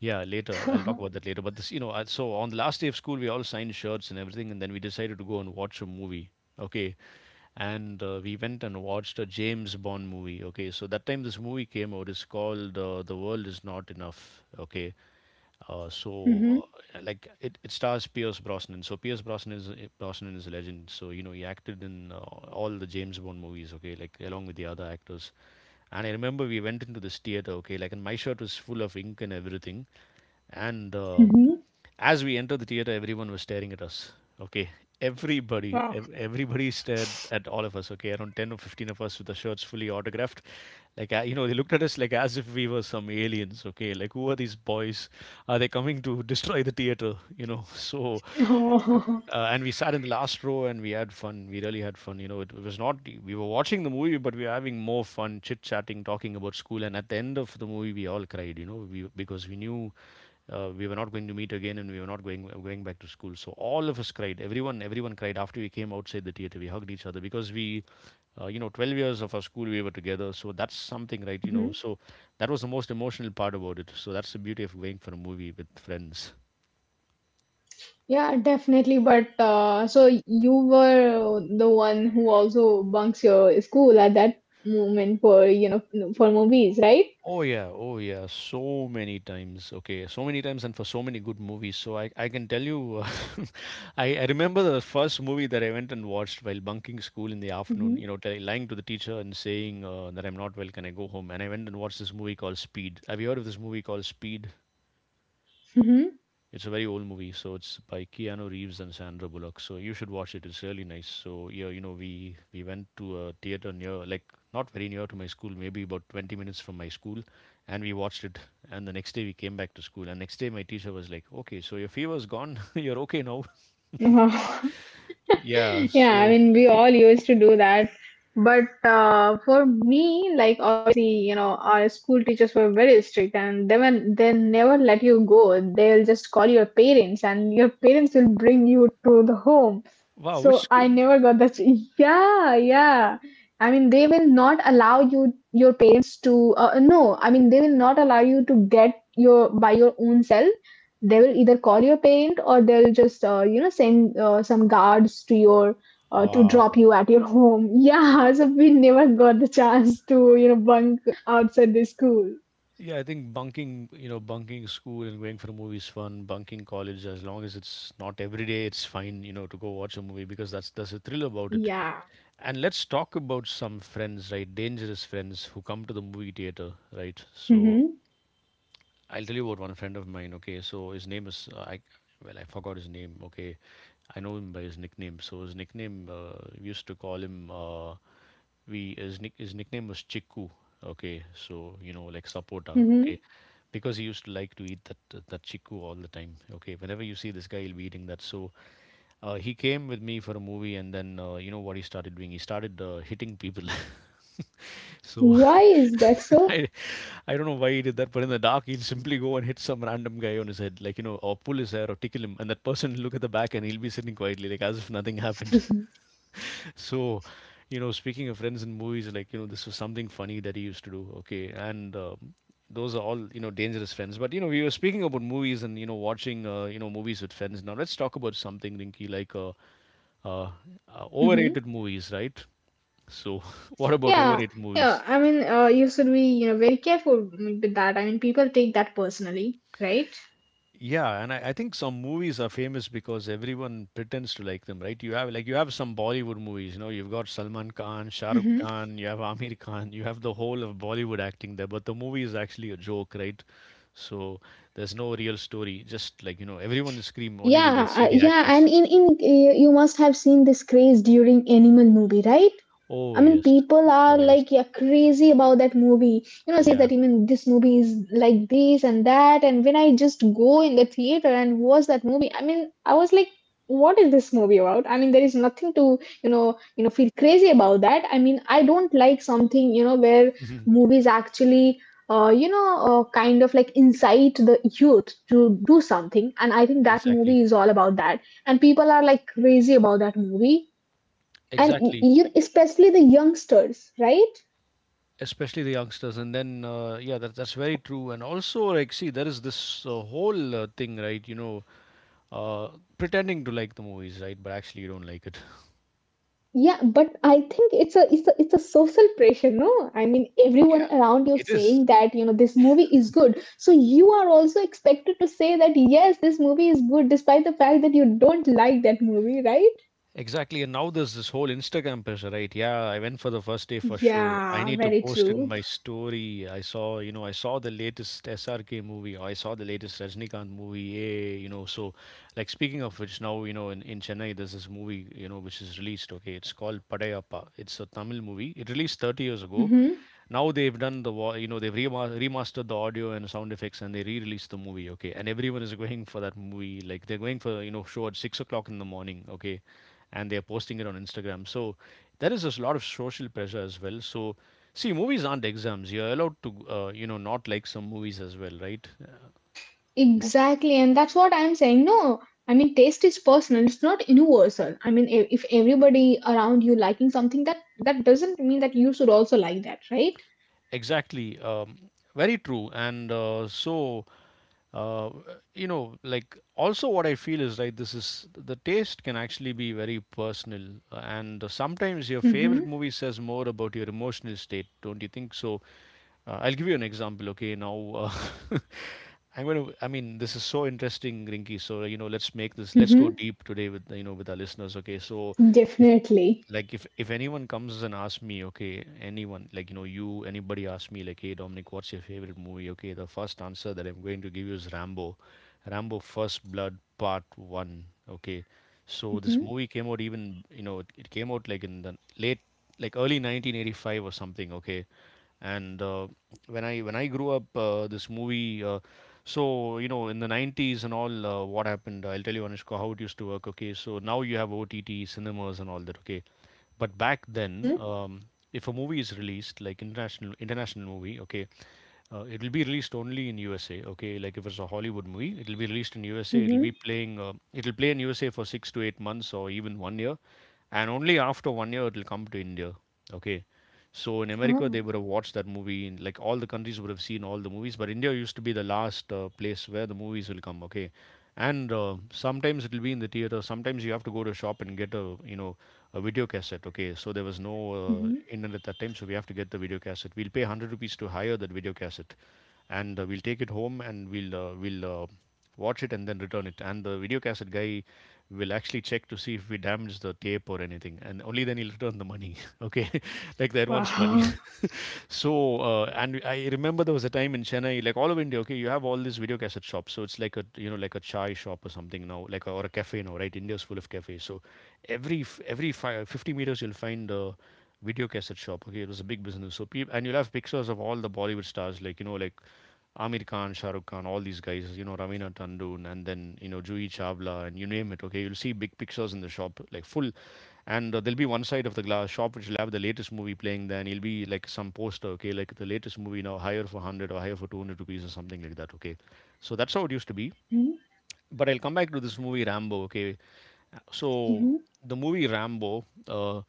Speaker 1: yeah, later, I'll talk about that later. But this, you know, I, so on the last day of school, we all signed shirts and everything, and then we decided to go and watch a movie. Okay, and we went and watched a James Bond movie. Okay, so that time this movie came out. It's called The World Is Not Enough. Okay, uh, so,
Speaker 2: Mm-hmm.
Speaker 1: like it stars Pierce Brosnan. So Pierce Brosnan is a legend. So you know he acted in all the James Bond movies. Okay, like along with the other actors. And I remember we went into this theater. Okay, like, and my shirt was full of ink and everything. And
Speaker 2: Mm-hmm.
Speaker 1: as we entered the theater, everyone was staring at us. Okay, everybody stared at all of us. Okay, around 10 or 15 of us with the shirts fully autographed. Like you know, they looked at us like as if we were some aliens. Okay, like who are these boys? Are they coming to destroy the theater? You know, so
Speaker 2: Wow.
Speaker 1: and we sat in the last row and we had fun. We really had fun. You know, it was not, we were watching the movie, but we were having more fun, chit chatting, talking about school. And at the end of the movie, we all cried. You know, we, because we knew we were not going to meet again, and we were not going back to school. So all of us cried. Everyone cried after we came outside the theater. We hugged each other because we, you know, 12 years of our school we were together. So that's something, right? You know,
Speaker 2: Mhm.
Speaker 1: so that was the most emotional part about it. So that's the beauty of going for a movie with friends.
Speaker 2: Yeah definitely, but so you were the one who also bunks your school at that moment for you know for movies, right?
Speaker 1: Oh yeah, oh yeah, so many times. Okay, so many times, and for so many good movies. So I can tell you, I remember the first movie that I went and watched while bunking school in the
Speaker 2: Mm-hmm.
Speaker 1: afternoon. You know, lying to the teacher and saying that I'm not well. Can I go home? And I went and watched this movie called Speed. Have you heard of this movie called Speed?
Speaker 2: Mm-hmm.
Speaker 1: It's a very old movie, so it's by Keanu Reeves and Sandra Bullock. So you should watch it. It's really nice. So yeah, you know, we went to a theater near, like not very near to my school, maybe about 20 minutes from my school, and we watched it. And the next day we came back to school, and next day my teacher was like, "Okay, so your fever's gone. You're okay now." Yeah.
Speaker 2: Yeah, I
Speaker 1: So
Speaker 2: mean, we all used to do that. But For me, like obviously, you know, our school teachers were very strict, and they never let you go. They'll just call your parents, and your parents will bring you to the home.
Speaker 1: wow, which
Speaker 2: So
Speaker 1: school?
Speaker 2: I knew that that's yeah, yeah. I mean, they will not allow you your parents to no. I mean, they will not allow you to get your by your own self. They will either call your parent or they'll just you know send some guards to your to
Speaker 1: Wow.
Speaker 2: drop you at your home. Yeah, so we never got the chance to you know bunk outside the school.
Speaker 1: Yeah, I think bunking, you know, bunking school and going for a movie is fun. Bunking college, as long as it's not every day, it's fine, you know, to go watch a movie, because that's the thrill about it.
Speaker 2: Yeah.
Speaker 1: And let's talk about some friends, right? Dangerous friends who come to the movie theater, right? So
Speaker 2: Mm-hmm.
Speaker 1: I'll tell you about one friend of mine. Okay, so his name is I. Well, I forgot his name. Okay, I know him by his nickname. So his nickname, we used to call him, we, his nick his nickname was Chiku. Okay, so you know like sapota.
Speaker 2: Mm-hmm.
Speaker 1: Okay, because he used to like to eat that chiku all the time. Okay, whenever you see this guy, he'll be eating that. So. He came with me for a movie, and then you know what he started doing? He started hitting people. So
Speaker 2: Why is that so?
Speaker 1: I, I don't know why he did that, but in the dark, he'll simply go and hit some random guy on his head, like you know, or pull his hair or tickle him, and that person will look at the back and he'll be sitting quietly, like as if nothing happened. So, you know, speaking of friends in movies, like, you know, this was something funny that he used to do. Okay. And those are all, you know, dangerous friends. But, you know, we were speaking about movies and, you know, watching, you know, movies with friends. Now let's talk about something, Rinky, like, uh,
Speaker 2: Mm-hmm.
Speaker 1: overrated movies, right? So what about
Speaker 2: Yeah,
Speaker 1: overrated
Speaker 2: yeah.
Speaker 1: movies?
Speaker 2: I mean, you should be, you know, very careful with that. I mean, people take that personally, right?
Speaker 1: Yeah, and I think some movies are famous because everyone pretends to like them, right? You have some Bollywood movies, you know, you've got Salman Khan, Shah Rukh
Speaker 2: Hmm.
Speaker 1: Khan, you have Amir Khan, you have the whole of Bollywood acting there, but the movie is actually a joke, right? So there's no real story. Just, like, you know, everyone will scream only when they
Speaker 2: Yeah,
Speaker 1: see the
Speaker 2: yeah,
Speaker 1: actors.
Speaker 2: and in you must have seen this craze during Animal movie, right?
Speaker 1: Oh,
Speaker 2: I mean,
Speaker 1: yes.
Speaker 2: people are
Speaker 1: Oh, yes.
Speaker 2: like yeah crazy about that movie. You know, say
Speaker 1: Yeah.
Speaker 2: that even this movie is like this and that. And when I just go in the theater and watch that movie, I mean, I was like, what is this movie about? I mean, there is nothing to you know feel crazy about that. I mean, I don't like something you know where movies actually you know kind of like incite the youth to do something. And I think that
Speaker 1: Exactly.
Speaker 2: movie is all about that. And people are like crazy about that movie and
Speaker 1: Exactly.
Speaker 2: you especially the youngsters, right?
Speaker 1: Especially the youngsters. And then, yeah, that's very true. And also, like, see, there is this whole thing, right? You know, uh, pretending to like the movies, right? But actually, you don't like it.
Speaker 2: Yeah, but I think it's a social pressure, no? I mean everyone
Speaker 1: Yeah,
Speaker 2: around you
Speaker 1: it is.
Speaker 2: saying that you know this movie is good, so you are also expected to say that yes this movie is good despite the fact that you don't like that movie, right?
Speaker 1: Exactly. And now there's this whole Instagram pressure, right? Yeah, I went for the first day for show. I
Speaker 2: Yeah,
Speaker 1: need to
Speaker 2: very
Speaker 1: post it in
Speaker 2: true.
Speaker 1: my story. I saw, you know, I saw the latest SRK movie or I saw the latest Rajnikant movie. Yay, you know, so, like, speaking of which, now, you know, in Chennai, there's this movie, you know, which is released. Okay, it's called Padayappa. It's a Tamil movie. It released 30 years ago.
Speaker 2: Hmm.
Speaker 1: Now they've done the, you know, they've remastered the audio and sound effects, and they re-released the movie. Okay, and everyone is going for that movie, like, they're going for, you know, show at 6 o'clock in the morning. Okay, and they're posting it on Instagram. So there is a lot of social pressure as well. So see, movies aren't exams. You're allowed to, you know, not like some movies as well, right?
Speaker 2: Exactly, and that's what I'm saying, no. I mean taste is personal, it's not universal. I mean if everybody around you liking something that that doesn't mean that you should also like that, right?
Speaker 1: Exactly. Very true. And so, uh, you know, like, also what I feel is right, this is the taste can actually be very personal. And sometimes your
Speaker 2: Mhm.
Speaker 1: favorite movie says more about your emotional state, don't you think? So, I'll give you an example, okay? Now, uh, I'm going to, I mean, this is so interesting, Rinky. So, you know, let's make this, let's go
Speaker 2: Mm-hmm.
Speaker 1: deep today with, you know, with our listeners, okay? So, if
Speaker 2: Definitely.
Speaker 1: like if anyone comes and asks me, okay, anyone, like, you know, you, anybody asks me like, hey, Dominic, what's your favorite movie? Okay, the first answer that I'm going to give you is Rambo. Rambo First Blood Part One. Okay, so this
Speaker 2: Mm-hmm.
Speaker 1: movie came out, even, you know, it came out, like, in the late, like, early 1985 or something. Okay, and when I grew up, this movie, so, you know, in the 90s and all, what happened, I'll tell you, Anushka, how it used to work. Okay, so now you have OTT cinemas and all that. Okay, but back then,
Speaker 2: Mm-hmm.
Speaker 1: if a movie is released, like, international movie, okay, it will be released only in USA. Okay, like, if it's a Hollywood movie, it will be released in USA. It will be
Speaker 2: Mm-hmm.
Speaker 1: playing, it will play in USA for 6 to 8 months or even 1 year, and only after 1 year it will come to India. Okay, so in America, they
Speaker 2: Oh.
Speaker 1: would have watched that movie. In like, all the countries would have seen all the movies, but India used to be the last place where the movies will come. Okay, and sometimes it will be in the theater. Sometimes you have to go to a shop and get a, you know, a video cassette. Okay, so there was no
Speaker 2: Mm-hmm.
Speaker 1: internet at that time, so we have to get the video cassette. We'll pay 100 rupees to hire that video cassette, and we'll take it home, and we'll watch it and then return it. And the video cassette guy will actually check to see if we damage the tape or anything, and only then he'll return the money. Okay, like the advance money.
Speaker 2: Wow.
Speaker 1: So, and I remember there was a time in Chennai, like all of India, okay, you have all these video cassette shops. So it's like a, you know, like a chai shop or something now, like a, or a cafe now, right? India's full of cafes. So every f- every fi 50 meters, you'll find a video cassette shop. Okay, it was a big business. So people, and you'll have pictures of all the Bollywood stars, like, you know, like Amir Khan, Shah Rukh Khan, all these guys, you know, Ravina Tandon, and then, you know, Juhi Chawla, and you name it, okay? You'll see big pictures in the shop, like full. And there'll be one side of the glass shop which will have the latest movie playing there, and it'll be like some poster, okay? Like, the latest movie now, higher for 100 or higher for 200 rupees or something like that, okay? So that's how it used to be.
Speaker 2: Mm-hmm.
Speaker 1: But I'll come back to this movie, Rambo, okay? So
Speaker 2: Mm-hmm.
Speaker 1: the movie Rambo,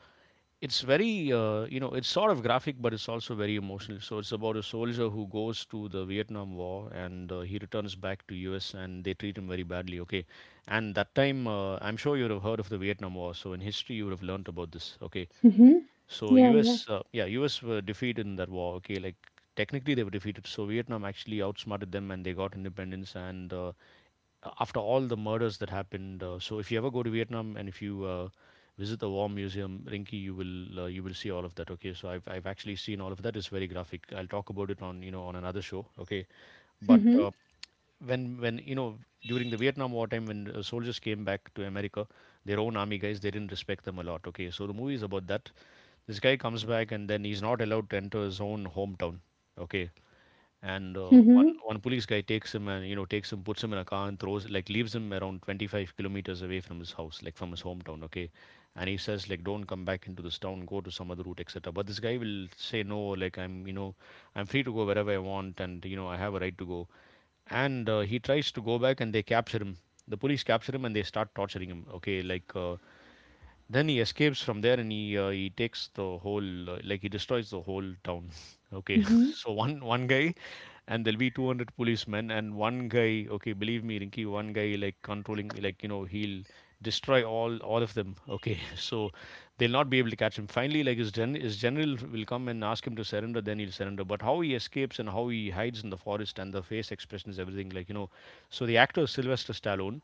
Speaker 1: it's very, you know, it's sort of graphic, but it's also very emotional. So it's about a soldier who goes to the Vietnam War, and he returns back to us and they treat him very badly. Okay, and that time, I'm sure you would have heard of the Vietnam War. So in history you would have learnt about this. Okay,
Speaker 2: Mm-hmm.
Speaker 1: so
Speaker 2: Yeah,
Speaker 1: U.S.,
Speaker 2: yeah.
Speaker 1: Yeah, U.S. were defeated in that war. Okay, like, technically they were defeated. So Vietnam actually outsmarted them, and they got independence. And after all the murders that happened, so if you ever go to Vietnam, and if you, visit the War Museum, Rinki, you will, you will see all of that. Okay, so I've actually seen all of that. It's very graphic. I'll talk about it on, you know, on another show. Okay, but
Speaker 2: Mm-hmm.
Speaker 1: when, you know, during the Vietnam War time, when soldiers came back to America, their own army guys, they didn't respect them a lot. Okay, so the movie is about that. This guy comes back and then he's not allowed to enter his own hometown. Okay, and one
Speaker 2: Mm-hmm.
Speaker 1: one police guy takes him, and, you know, takes him, puts him in a car and throws, like, leaves him around 25 kilometers away from his house, like from his hometown. Okay, and he says, like, don't come back into this town, go to some other route, etc. But this guy will say, no, like, I'm you know I'm free to go wherever I want, and, you know, I have a right to go. And he tries to go back and they capture him. The police capture him and they start torturing him. Okay, like, then he escapes from there, and he takes the whole, like, he destroys the whole town. Okay,
Speaker 2: Mm-hmm.
Speaker 1: so one guy, and there'll be 200 policemen and one guy. Okay, believe me, Rinky, one guy, like, controlling, like, you know, he'll destroy all of them. Okay, so they'll not be able to catch him. Finally, like, his general will come and ask him to surrender. Then he'll surrender. But how he escapes and how he hides in the forest and the face expressions, everything, like, you know. So the actor Sylvester Stallone,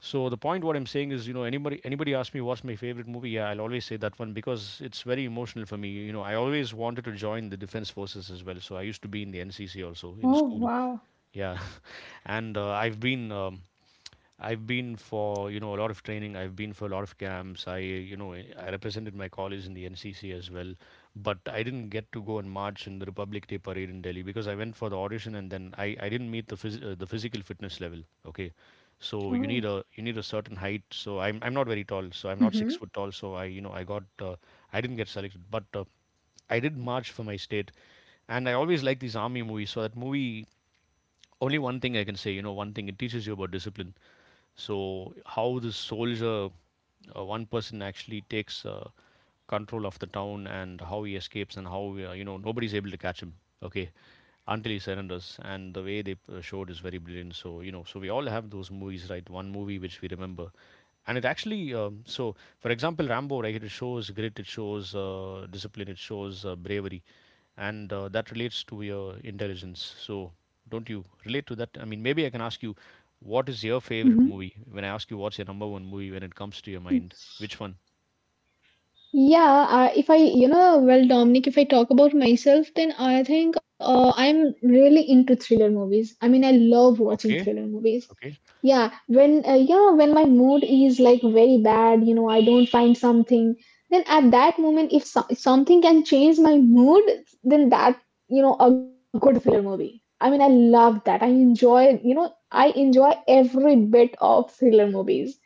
Speaker 1: so the point what I'm saying is, you know, anybody asks me what's my favorite movie, yeah, I'll always say that one because it's very emotional for me. You know, I always wanted to join the defense forces as well. So I used to be in the NCC also
Speaker 2: Oh,
Speaker 1: in school.
Speaker 2: wow.
Speaker 1: Yeah, and I've been for, you know, a lot of training. I've been for a lot of camps. I represented my college in the NCC as well. But I didn't get to go and march in the Republic Day parade in Delhi, because I went for the audition, and then I didn't meet the physical fitness level. Okay. So you
Speaker 2: Oh.
Speaker 1: need a you need a certain height. So I'm not very tall. So I'm not
Speaker 2: Mm-hmm.
Speaker 1: 6 foot tall. So I, you know, I got I didn't get selected. But I did march for my state, and I always like these army movies. So that movie, only one thing I can say, you know, one thing it teaches you about discipline. So how this soldier, one person actually takes control of the town, and how he escapes, and how, you know, nobody's able to catch him. Okay, until he surrenders. And the way they showed is very brilliant. So, you know, so we all have those movies, right? One movie which we remember. And it actually, so, for example, Rambo, right? It shows grit, it shows discipline, it shows bravery, and that relates to your intelligence. So, don't you relate to that? I mean, maybe I can ask you, what is your favorite
Speaker 2: Mm-hmm.
Speaker 1: movie? When I ask you what's your number one movie when it comes to your mind, which one?
Speaker 2: Yeah, if I, you know, well, Dominic, if I talk about myself, then I think I'm really into thriller movies. I mean, I love watching
Speaker 1: Okay,
Speaker 2: thriller movies.
Speaker 1: okay.
Speaker 2: Yeah, when you know when my mood is like very bad, you know, I don't find something, then at that moment, if so something can change my mood, then that, you know, a good thriller movie. I mean, I love that. I enjoy, you know, I enjoy every bit of thriller movies.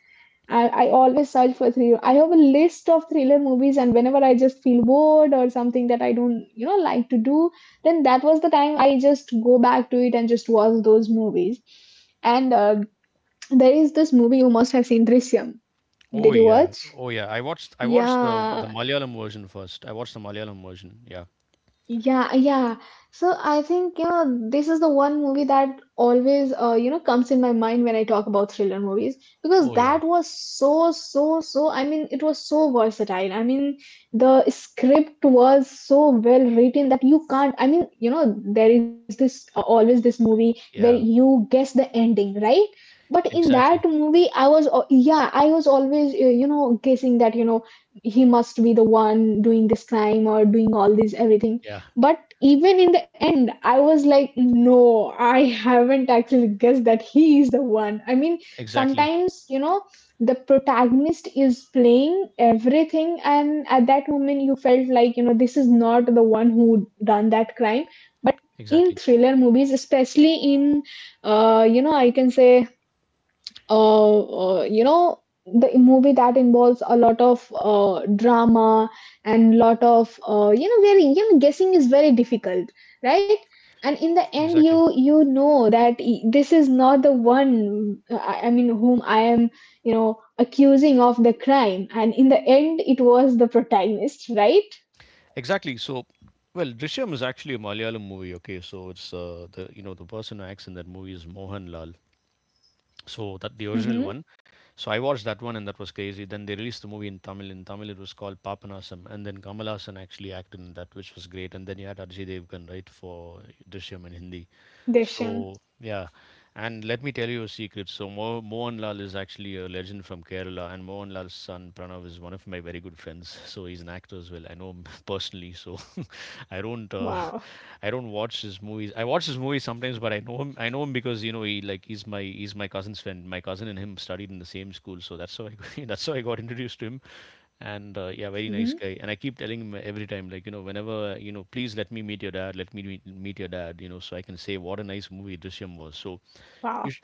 Speaker 2: I always search for thriller. I have a list of thriller movies, and whenever I just feel bored or something that I don't, you know, like to do, then that was the time I just go back to it and just watch those movies. And there is this movie you must have seen, Drishyam.
Speaker 1: Oh
Speaker 2: Did you
Speaker 1: yeah,
Speaker 2: watch?
Speaker 1: oh yeah. I watched the
Speaker 2: Yeah.
Speaker 1: Malayalam version first. I watched the Malayalam version. Yeah.
Speaker 2: Yeah, yeah. So I think, you know, this is the one movie that always, you know, comes in my mind when I talk about thriller movies because
Speaker 1: Oh yeah,
Speaker 2: that was so, so, so, I mean, it was so versatile. I mean, the script was so well written that you can't, I mean, you know, there is this always this movie where
Speaker 1: yeah.
Speaker 2: you guess the ending, right? But in that
Speaker 1: Exactly.
Speaker 2: movie, I was, yeah, I was always, you know, guessing that, you know, he must be the one doing this crime or doing all this everything
Speaker 1: Yeah.
Speaker 2: but even in the end, I was like, no, I haven't actually guessed that he is the one. I mean,
Speaker 1: Exactly.
Speaker 2: sometimes, you know, the protagonist is playing everything, and at that moment, you felt like, you know, this is not the one who done that crime. In
Speaker 1: Exactly.
Speaker 2: thriller movies, especially in, you know, I can say uh, you know the movie that involves a lot of drama and lot of you know very you know guessing is very difficult, right? And in the end
Speaker 1: Exactly.
Speaker 2: you you know that this is not the one I mean whom I am you know accusing of the crime, and in the end it was the protagonist, right?
Speaker 1: Exactly. So, well, Drishyam is actually a Malayalam movie. Okay, so it's the you know the person who acts in that movie is Mohanlal. So that the
Speaker 2: Mm-hmm.
Speaker 1: original one. So I watched that one and that was crazy. Then they released the movie in Tamil. In Tamil it was called Papanasam, and then Kamal Hassan actually acted in that, which was great. And then you had Ajay Devgan, right, for Drishyam in Hindi. So
Speaker 2: Deshan.
Speaker 1: yeah, and let me tell you a secret. So Mo Mohanlal is actually a legend from Kerala, and Mohanlal's son Pranav is one of my very good friends. So he's an actor as well. I know him personally, so I don't uh,
Speaker 2: Wow.
Speaker 1: I don't watch his movies. I watch his movies sometimes, but I know him. I know him because you know he's my cousin's friend. My cousin and him studied in the same school, so that's how I that's how I got introduced to him. And yeah, very nice
Speaker 2: Mm-hmm.
Speaker 1: guy, and I keep telling him every time, like, you know, whenever, you know, please let me meet your dad, let me meet your dad, you know, so I can say what a nice movie Drishyam was. So you
Speaker 2: Wow.
Speaker 1: sh-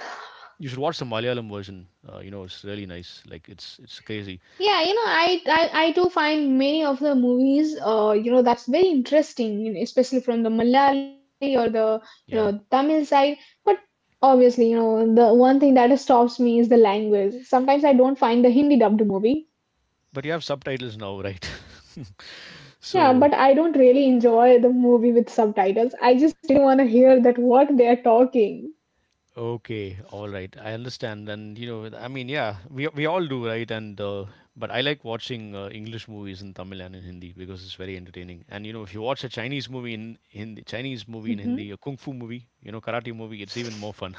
Speaker 1: you should watch the Malayalam version. You know it's really nice, like it's crazy,
Speaker 2: Yeah, you know, I do find many of the movies, you know, that's very interesting, you know, especially from the Malayali or the, you know,
Speaker 1: yeah.
Speaker 2: Tamil side. But obviously, you know, the one thing that stops me is the language. Sometimes I don't find the Hindi dubbed movie.
Speaker 1: But you have subtitles now, right?
Speaker 2: Yeah,
Speaker 1: So
Speaker 2: but I don't really enjoy the movie with subtitles. I just really want to hear that what they are talking.
Speaker 1: okay, all right. I understand, and you know, I mean, yeah, we all do, right? And but I like watching English movies in Tamil and in Hindi because it's very entertaining. And you know, if you watch a Chinese movie in Hindi, Chinese movie in
Speaker 2: Hmm.
Speaker 1: Hindi, a kung fu movie, you know, karate movie, it's even more fun.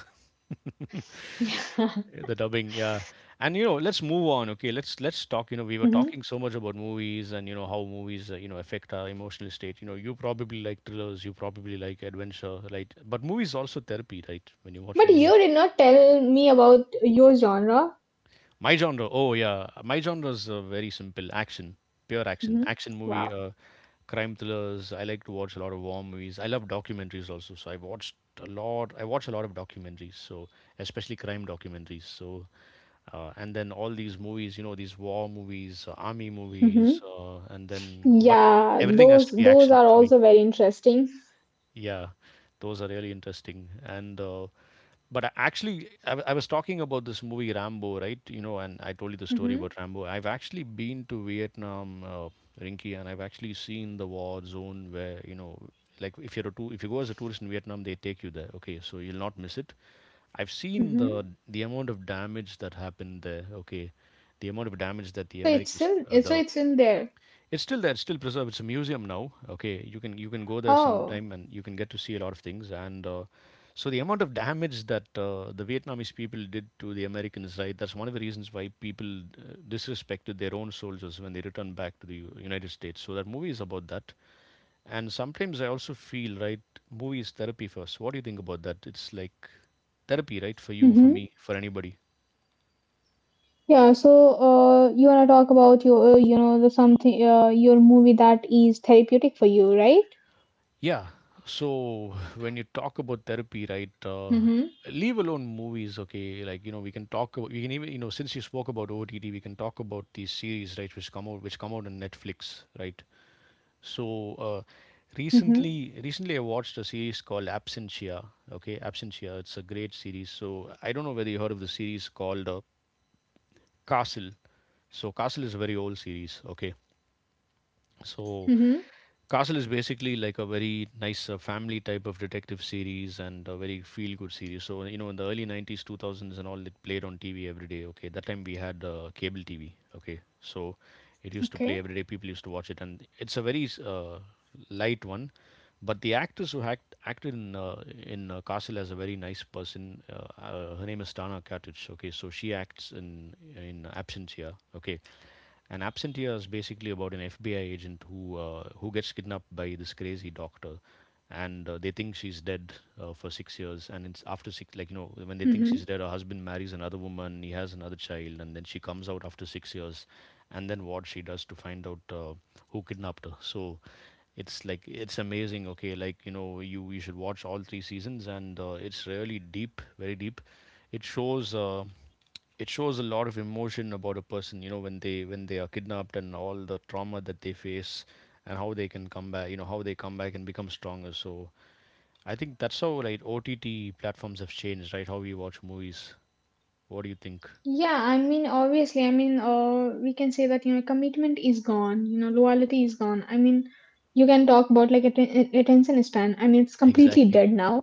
Speaker 1: The dubbing, yeah. And you know, let's move on. Okay, let's talk. You know, we were
Speaker 2: Hmm.
Speaker 1: talking so much about movies and you know how movies you know affect our emotional state. You know, you probably like thrillers, you probably like adventure, right? But movies also therapy, right? When you watch
Speaker 2: But you
Speaker 1: movies.
Speaker 2: did not tell me about your genre.
Speaker 1: My genre, oh yeah, my genre is very simple action, pure action,
Speaker 2: Hmm.
Speaker 1: action movie,
Speaker 2: Wow.
Speaker 1: crime thrillers. I like to watch a lot of war movies. I love documentaries also, so I watched a lot. I watch a lot of documentaries, so especially crime documentaries. So and then all these movies, you know, these war movies, army movies,
Speaker 2: Hmm.
Speaker 1: and then but
Speaker 2: Yeah,
Speaker 1: everything has to be
Speaker 2: those
Speaker 1: action
Speaker 2: are
Speaker 1: for me.
Speaker 2: also very interesting.
Speaker 1: Yeah, those are really interesting. And but I- actually, I, w- I was talking about this movie Rambo, right? You know, and I told you the story about Rambo. I've actually been to Vietnam, Rinky, and I've actually seen the war zone where you know, like if you're a tour, if you go as a tourist in Vietnam, they take you there. Okay, so you'll not miss it. I've seen
Speaker 2: Mm-hmm.
Speaker 1: the amount of damage that happened there. Okay, the amount of damage that the
Speaker 2: So it's
Speaker 1: Americans,
Speaker 2: in so
Speaker 1: the
Speaker 2: it's in there.
Speaker 1: it's still there. It's still preserved. It's a museum now. Okay, you can go there
Speaker 2: Oh.
Speaker 1: sometime and you can get to see a lot of things. And so the amount of damage that the Vietnamese people did to the Americans, right? That's one of the reasons why people disrespected their own soldiers when they returned back to the United States. So that movie is about that. And sometimes I also feel right. Movie is therapy for us. What do you think about that? It's like therapy, right? For you, for
Speaker 2: Mm-hmm.
Speaker 1: me, for anybody.
Speaker 2: Yeah, so you wanna talk about your you know the something your movie that is therapeutic for you, right?
Speaker 1: Yeah. So when you talk about therapy, right?
Speaker 2: Mm-hmm.
Speaker 1: Leave alone movies, okay? Like you know, we can talk about we can even you know since you spoke about OTT, we can talk about these series, right? Which come out on Netflix, right? So
Speaker 2: Mm-hmm.
Speaker 1: recently I watched a series called Absentia. Okay, Absentia. It's a great series. So I don't know whether you heard of the series called Castle. So Castle is a very old series. Okay, so
Speaker 2: Mm-hmm.
Speaker 1: Castle is basically like a very nice family type of detective series and a very feel good series. So, you know, in the early 90s, 2000s, and all, it played on TV every day. Okay. That time we had cable TV. Okay. So it used to
Speaker 2: Okay.
Speaker 1: play every day. People used to watch it. And it's a very light one. But the actress who acted in Castle as a very nice person, her name is Tana Katic. Okay. So she acts in Absentia. Okay, an Absentia is basically about an FBI agent who gets kidnapped by this crazy doctor, and they think she's dead for 6 years. And it's after six, like you know, when they think she's
Speaker 2: Mm-hmm.
Speaker 1: dead, her husband marries another woman, he has another child, and then she comes out after 6 years, and then what she does to find out who kidnapped her. So it's like it's amazing. Okay, like you know, you should watch all 3 seasons, and it's really deep, very deep. It shows. It shows a lot of emotion about a person, you know, when they are kidnapped and all the trauma that they face, and how they can come back, you know how they come back and become stronger. So I think that's how right OTT platforms have changed, right, how we watch movies. What do you think?
Speaker 2: Yeah, I mean, obviously, I mean, we can say that, you know, commitment is gone, you know, loyalty is gone. I mean, you can talk about like attention span. I mean, it's completely
Speaker 1: Exactly.
Speaker 2: dead now.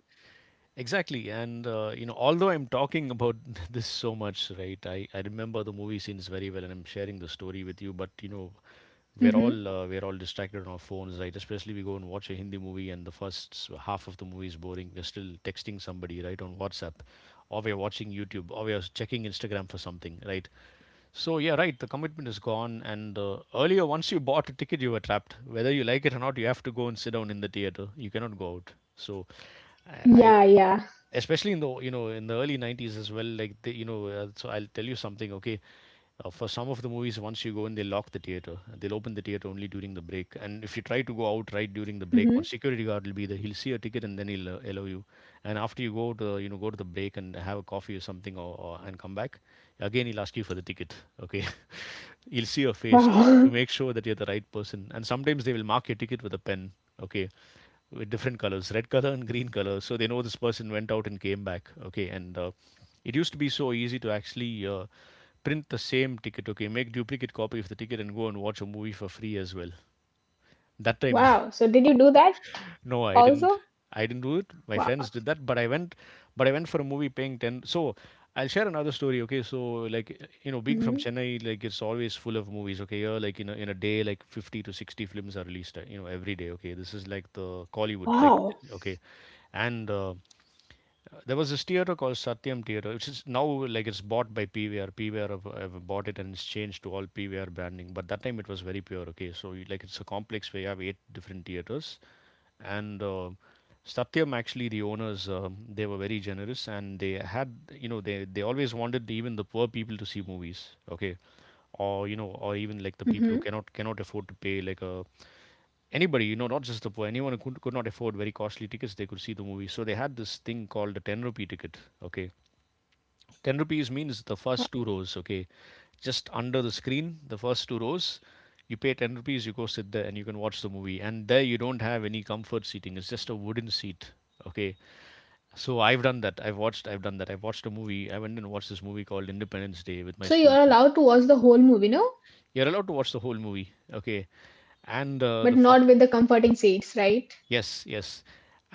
Speaker 1: Exactly, and you know, although I'm talking about this so much, right? I remember the movie scenes very well, and I'm sharing the story with you. But you know,
Speaker 2: Mm-hmm.
Speaker 1: we're all distracted on our phones, right? Especially we go and watch a Hindi movie, and the first half of the movie is boring. We're still texting somebody, right, on WhatsApp, or we're watching YouTube, or we're checking Instagram for something, right? So yeah, right. The commitment is gone, and earlier, once you bought a ticket, you were trapped. Whether you like it or not, you have to go and sit down in the theater. You cannot go out. So, I
Speaker 2: Yeah, yeah.
Speaker 1: especially in the you know in the early 90s as well, like they, you know, so I'll tell you something. Okay, for some of the movies, once you go in they lock the theater. They'll open the theater only during the break, and if you try to go out right during the break, one
Speaker 2: Mm-hmm.
Speaker 1: security guard will be there, he'll see a ticket and then he'll allow you, and after you go to you know go to the break and have a coffee or something, or and come back, again he'll ask you for the ticket. Okay. He'll see your face to
Speaker 2: Wow.
Speaker 1: make sure that you're the right person, and sometimes they will mark your ticket with a pen. Okay, with different colors, red color and green color. So they know this person went out and came back. Okay, and it used to be so easy to actually print the same ticket. Okay, make duplicate copy of the ticket and go and watch a movie for free as well. That time.
Speaker 2: Wow. So did you do that
Speaker 1: No, I didn't.
Speaker 2: also?
Speaker 1: I didn't do it, my
Speaker 2: Wow.
Speaker 1: friends did that, but I went. But I went for a movie paying 10. So I'll share another story, okay. So like you know, being from
Speaker 2: Hmm.
Speaker 1: Chennai, like it's always full of movies, okay. Here like in a day like 50 to 60 films are released, you know, every day. Okay, this is like the Collywood, like,
Speaker 2: Wow.
Speaker 1: okay. And there was this theater called Satyam Theater, which is now like it's bought by PVR. PVR have bought it and it's changed to all PVR branding. But that time it was very pure. Okay, so you, like it's a complex where you have 8 different theaters, and Satyam, actually the owners, they were very generous and they had you know they always wanted even the poor people to see movies. Okay, or you know or even like the people who
Speaker 2: Hmm.
Speaker 1: cannot afford to pay like a anybody, you know, not just the poor, anyone who could not afford very costly tickets, they could see the movie. So they had this thing called the 10 rupee ticket. Okay. 10 rupees means the first two rows. Okay. Just under the screen, the first two rows, you pay 10 rupees, you go sit there and you can watch the movie. And there you don't have any comfort seating, it's just a wooden seat. Okay. So I've done that. I've done that. I've watched a movie. I went and watched this movie called Independence Day with my
Speaker 2: So you
Speaker 1: school
Speaker 2: are
Speaker 1: friends.
Speaker 2: allowed to watch the whole movie, no?
Speaker 1: You're allowed to watch the whole movie. Okay. And
Speaker 2: But
Speaker 1: the fun.
Speaker 2: not with comforting scenes, right?
Speaker 1: Yes, yes.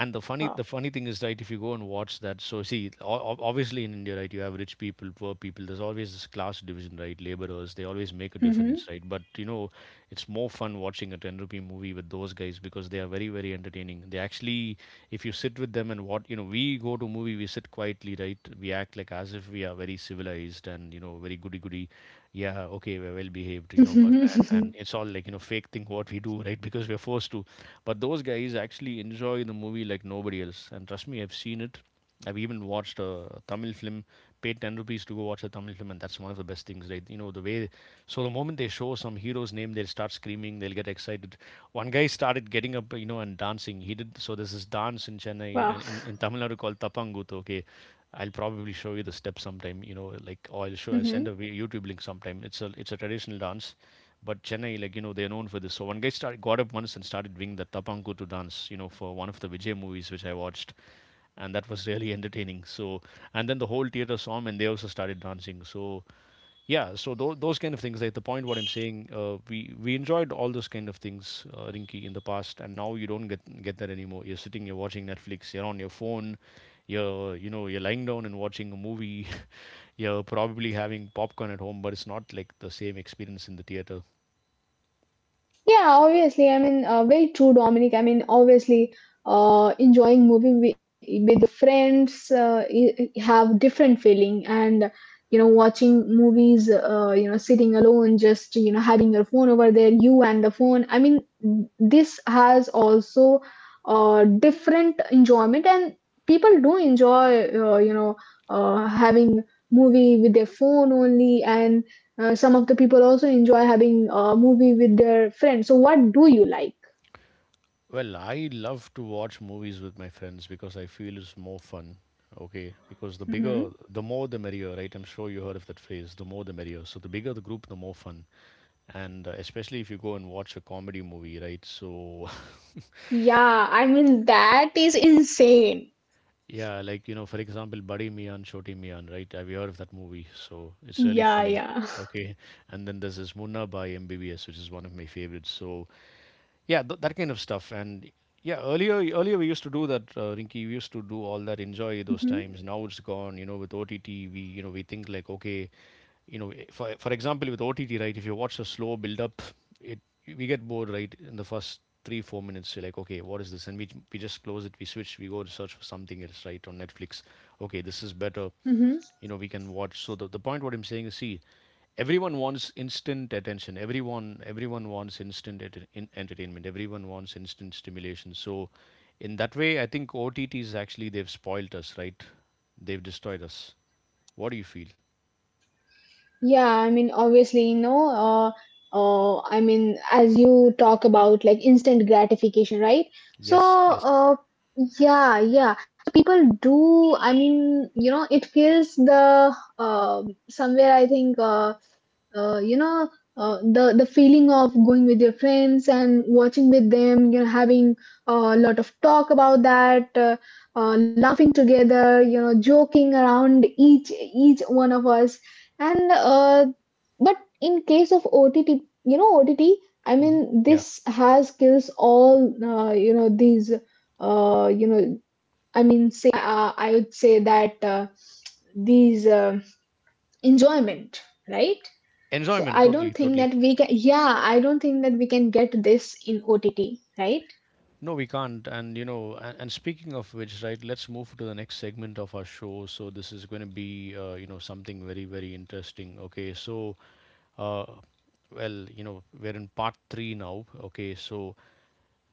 Speaker 1: And the funny the
Speaker 2: Wow.
Speaker 1: funny thing is, right? If you go and watch that, so see, obviously in India, right, you have rich people, poor people, there's always this class division, right? Laborers, they always make a difference,
Speaker 2: Hmm.
Speaker 1: right? But you know, it's more fun watching a 10 rupee movie with those guys because they are very very entertaining. They actually, if you sit with them and what, you know, we go to movie, we sit quietly, right? We act like as if we are very civilized and you know very goody goody. Yeah, okay, we're well behaved, you know, but and, and it's all like you know fake thing what we do right, because we're forced to. But those guys actually enjoy the movie like nobody else, and trust me, I've seen it. I've even watched a Tamil film, paid 10 rupees to go watch a Tamil film, and that's one of the best things, right? You know, the way, so the moment they show some hero's name, they'll start screaming, they'll get excited. One guy started getting up, you know, and dancing he did. So there's this dance in Chennai
Speaker 2: Wow.
Speaker 1: and in Tamil Nadu called tapangut, okay? I'll probably show you the steps sometime, you know, like or I'll show I'll send
Speaker 2: Hmm.
Speaker 1: a YouTube link sometime. It's a traditional dance, but Chennai, like you know, they're known for this. So one guy started, got up once, and started doing the tapankutu dance, you know, for one of the Vijay movies which I watched, and that was really entertaining. So, and then the whole theater saw him and they also started dancing. So yeah, so those kind of things, like the point what I'm saying, we enjoyed all those kind of things, Rinky, in the past, and now you don't get that anymore. You're sitting, you're watching Netflix, you're on your phone, you're you know you're lying down and watching a movie, you're probably having popcorn at home, but it's not like the same experience in the theater.
Speaker 2: Yeah, obviously. I mean, very true, Dominic. I mean, obviously, enjoying movie with your friends have different feeling, and you know, watching movies, you know, sitting alone, just you know, having your phone over there, you and the phone. I mean, this has also different enjoyment, and people do enjoy, you know, having movie with their phone only, and some of the people also enjoy having a movie with their friends. So, what do you like?
Speaker 1: Well, I love to watch movies with my friends because I feel it's more fun. Okay, because the bigger,
Speaker 2: Mm-hmm.
Speaker 1: the more the merrier, right? I'm sure you heard of that phrase, the more the merrier. So the bigger the group, the more fun. And especially if you go and watch a comedy movie, right? So,
Speaker 2: Yeah, I mean, that is insane.
Speaker 1: yeah, like you know, for example, Buddy Mian, Choti Mian, right? Have you heard of that movie? So it's really
Speaker 2: Yeah,
Speaker 1: funny.
Speaker 2: yeah.
Speaker 1: Okay, and then there's this Munna by MBBS, which is one of my favorites. So yeah, that kind of stuff. And yeah, earlier we used to do that, Rinky, we used to do all that, enjoy those
Speaker 2: Mm-hmm.
Speaker 1: times. Now it's gone. You know, with OTT, we, you know, we think like okay, you know, for example with OTT, right, if you watch the slow build up, it we get bored, right? In the first 3 4 minutes you're like, okay, what is this, and we just close it, we switch, we go to search for something else, right, on Netflix. Okay, this is better,
Speaker 2: Mm-hmm.
Speaker 1: you know, we can watch. So the point what I'm saying is, see, everyone wants instant attention, everyone wants instant entertainment, everyone wants instant stimulation. So in that way, I think OTTs actually they've spoiled us, right? They've destroyed us. What do you feel?
Speaker 2: Yeah, I mean, obviously, you know, I mean, as you talk about like instant gratification, right? So,
Speaker 1: Yes, yes.
Speaker 2: yeah, yeah. People, do I mean, you know, it kills the somewhere I think you know the feeling of going with your friends and watching with them, you know, having a lot of talk about that, laughing together, you know, joking around each one of us, and but in case of OTT, you know, OTT, I mean
Speaker 1: Mhm, yeah.
Speaker 2: this has kills all you know these you know I mean, say, I would say that these enjoyment, right? So
Speaker 1: Enjoyment,
Speaker 2: I don't
Speaker 1: totally,
Speaker 2: think
Speaker 1: totally.
Speaker 2: we can, yeah, I don't think that we can get this in OTT, right?
Speaker 1: No, we can't. And you know, and speaking of which, right, let's move to the next segment of our show. So this is going to be, you know, something very, very interesting. Okay, so, uh, well, you know, we're in part three now. Okay, so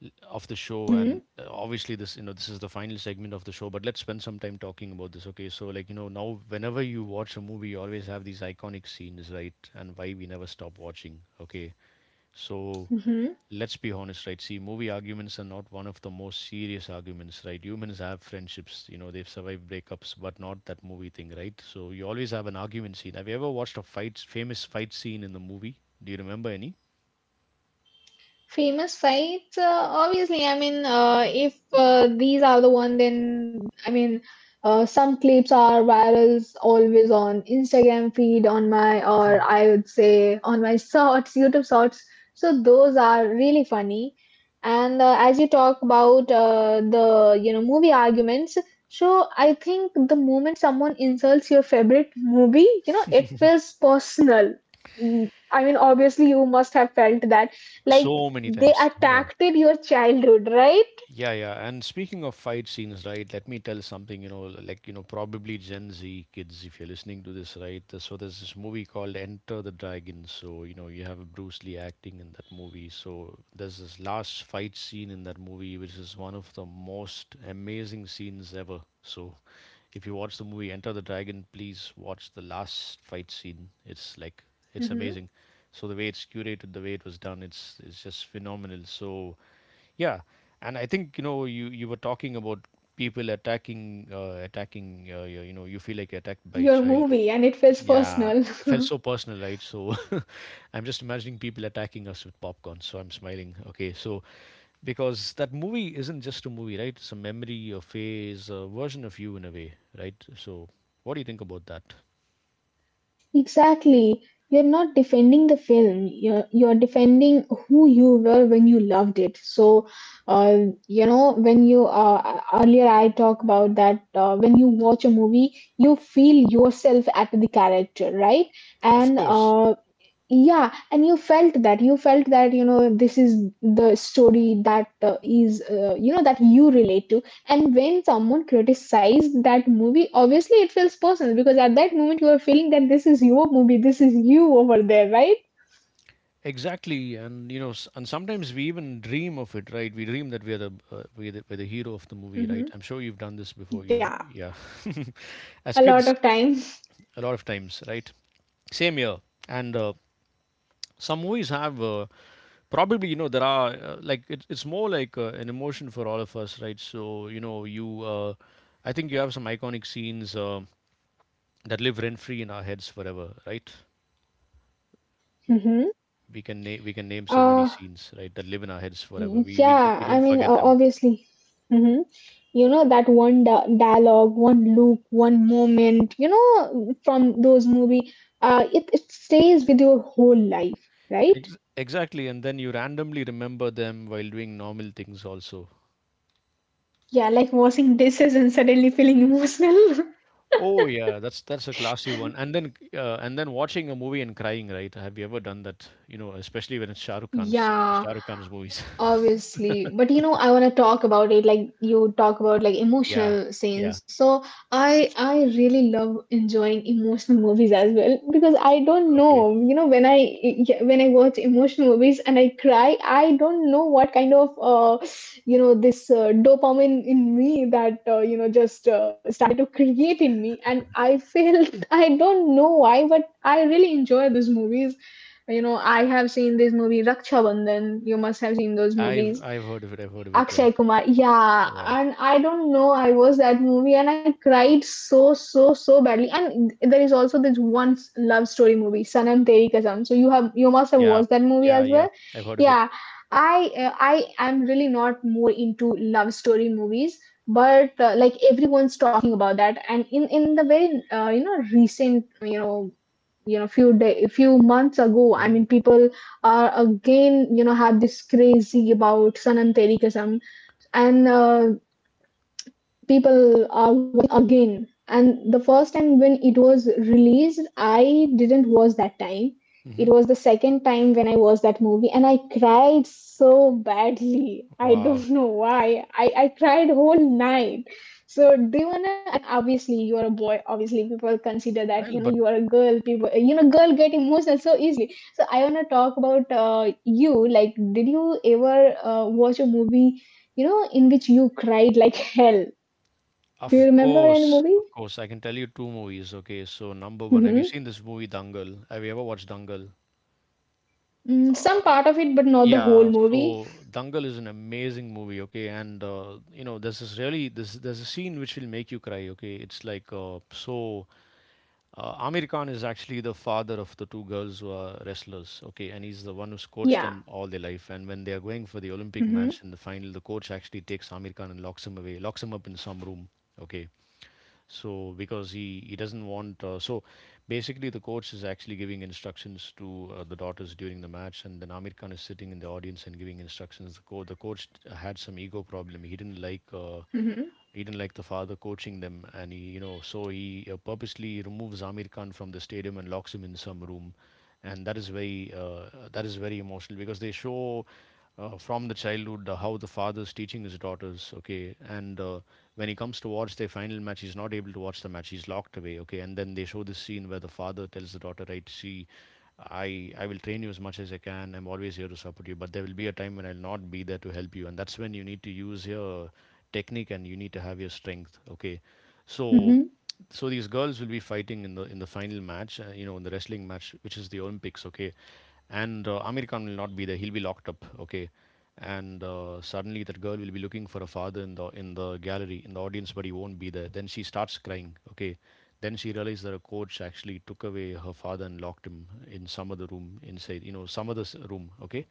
Speaker 1: of the show, and obviously this, you know, this is the final segment of the show. But let's spend some time talking about this. Okay, so like you know, now whenever you watch a movie, you always have these iconic scenes, right, and why we never stop watching. Okay, so
Speaker 2: Hmm.
Speaker 1: let's be honest, right? See, movie arguments are not one of the most serious arguments, right? Humans have friendships, you know, they've survived breakups, but not that movie thing, right? So you always have an argument scene. Have you ever watched a fight, famous fight scene in the movie? Do you remember any?
Speaker 2: Famous fights, obviously. I mean, if these are the one, then I mean, some clips are virals always on Instagram feed, on my or I would say on my shorts, YouTube shorts. So those are really funny. And as you talk about the you know movie arguments, so I think the moment someone insults your favorite movie, you know, it feels personal. Mm, I mean, obviously you must have felt that. Like
Speaker 1: So many
Speaker 2: they
Speaker 1: times. Yeah.
Speaker 2: attacked your childhood, right?
Speaker 1: Yeah, yeah. And speaking of fight scenes, right, let me tell something, you know, like, you know, probably Gen Z kids, if you're listening to this, right? So there's this movie called Enter the Dragon. So, you know, you have Bruce Lee acting in that movie. So there's this last fight scene in that movie, which is one of the most amazing scenes ever. So if you watch the movie Enter the Dragon, please watch the last fight scene. It's like, it's
Speaker 2: Hmm.
Speaker 1: amazing. So the way it's curated, the way it was done, it's just phenomenal. So yeah, and I think you know you were talking about people attacking you, you know you feel like you're attacked by a
Speaker 2: Your
Speaker 1: child.
Speaker 2: movie, and it feels
Speaker 1: Yeah,
Speaker 2: personal.
Speaker 1: it felt so personal, right? So I'm just imagining people attacking us with popcorn. So I'm smiling. Okay, so because that movie isn't just a movie, right? It's a memory, a phase, a version of you in a way, right? So what do you think about that?
Speaker 2: Exactly. You're not defending the film. You're defending who you were when you loved it. So, uh, you know, when you earlier I talked about that when you watch a movie, you feel yourself at the character, right?
Speaker 1: Of
Speaker 2: And
Speaker 1: course.
Speaker 2: yeah, and you felt that you felt that you know this is the story that is you know that you relate to, and when someone criticized that movie obviously it feels personal because at that moment you are feeling that this is your movie, this is you over there, right?
Speaker 1: Exactly, and you know, and sometimes we even dream of it, right? We dream that we're the we're the hero of the movie,
Speaker 2: Hmm.
Speaker 1: right? I'm sure you've done this before. You've yeah, as
Speaker 2: A lot
Speaker 1: kids,
Speaker 2: of times.
Speaker 1: a lot of times, right? Same here, and some movies have probably you know there are like it's more like an emotion for all of us, right? So you know you, I think you have some iconic scenes that live rent free in our heads forever, right?
Speaker 2: Hmm.
Speaker 1: We can we can name so many
Speaker 2: uh
Speaker 1: scenes, right, that live in our heads forever. We
Speaker 2: yeah, I
Speaker 1: don't
Speaker 2: mean,
Speaker 1: forget them.
Speaker 2: obviously. Hmm. You know that one dialogue, one look, one moment, you know, from those movie, it stays with your whole life, right?
Speaker 1: Exactly, and then you randomly remember them while doing normal things also.
Speaker 2: Yeah, like washing dishes and suddenly feeling emotional.
Speaker 1: Oh yeah, that's a classy one. And then watching a movie and crying, right? Have you ever done that? You know, especially when it's Shah Rukh Khan's
Speaker 2: Yeah,
Speaker 1: Shah Rukh Khan's movies.
Speaker 2: obviously, but you know, I want to talk about it like you talk about like
Speaker 1: Yeah,
Speaker 2: emotional
Speaker 1: yeah,
Speaker 2: scenes. So I really love enjoying emotional movies as well because I don't
Speaker 1: okay.
Speaker 2: know, you know, when I yeah, when I watch emotional movies and I cry, I don't know what kind of you know this dopamine in me that you know just started to create in me, and I feel I don't know why, but I really enjoy those movies. You know, I have seen this movie Raksha Bandhan. You must have seen those movies.
Speaker 1: I've heard of it. I've heard of it. Yeah,
Speaker 2: Akshay Kumar. Yeah,
Speaker 1: yeah,
Speaker 2: and I don't know. I was that movie and I cried so so so badly. And there is also this one love story movie, Sanam Teri Kasam. So you have you must have
Speaker 1: yeah,
Speaker 2: watched that movie
Speaker 1: yeah,
Speaker 2: as
Speaker 1: yeah.
Speaker 2: well.
Speaker 1: I've heard of it.
Speaker 2: Yeah, I am really not more into love story movies, but like everyone's talking about that. And in the very you know recent you know few months ago, I
Speaker 1: Hmm.
Speaker 2: mean people are again you know have this crazy about Sanam Teri Kasam, and people are watching again, and the first time when it was released I didn't watch, that time it
Speaker 1: Hmm.
Speaker 2: was the second time when I watched that movie and I cried so badly. I
Speaker 1: Wow.
Speaker 2: don't know why I cried whole night. So do you, Devana, and obviously you are a boy. Obviously people consider
Speaker 1: Well,
Speaker 2: that you
Speaker 1: but
Speaker 2: know you are a girl. People, you know, girl get emotional so easily. So I wanna talk about you. Like, did you ever watch a movie, you know, in which you cried like hell? Do you remember any movie?
Speaker 1: of course, I can tell you two movies. Okay, so number one, have you
Speaker 2: Hmm.
Speaker 1: seen this movie Dangal? Have you ever watched Dangal?
Speaker 2: Mm, some part of it, but not the whole
Speaker 1: Yeah,
Speaker 2: movie.
Speaker 1: so Dangal is an amazing movie, okay, and you know there's this really this there's a scene which will make you cry, okay. It's like Amir Khan is actually the father of the two girls who are wrestlers, okay, and he's the one who's coached
Speaker 2: Yeah.
Speaker 1: them all their life. And when they are going for the Olympic
Speaker 2: Hmm.
Speaker 1: match in the final, the coach actually takes Amir Khan and locks him away, locks him up in some room, okay. So because he doesn't want, so basically the coach is actually giving instructions to the daughters during the match, and then Amir Khan is sitting in the audience and giving instructions. The coach had some ego problem. He didn't like,
Speaker 2: Hmm.
Speaker 1: he didn't like the father coaching them, and he you know so he purposely removes Amir Khan from the stadium and locks him in some room. And that is very, that is very emotional because they show, from the childhood, how the father's teaching his daughters, okay. And when he comes to watch their final match, he's not able to watch the match. He's locked away, okay. And then they show this scene where the father tells the daughter, right? See, I will train you as much as I can. I'm always here to support you, but there will be a time when I'll not be there to help you, and that's when you need to use your technique and you need to have your strength, okay. so
Speaker 2: Hmm.
Speaker 1: so these girls will be fighting in the final match, you know, in the wrestling match, which is the Olympics, okay. And Amir Khan will not be there; he'll be locked up, okay. And suddenly that girl will be looking for a father in the gallery in the audience, but he won't be there. Then she starts crying, okay. Then she realized that a coach actually took away her father and locked him in some other room inside, some other room, okay.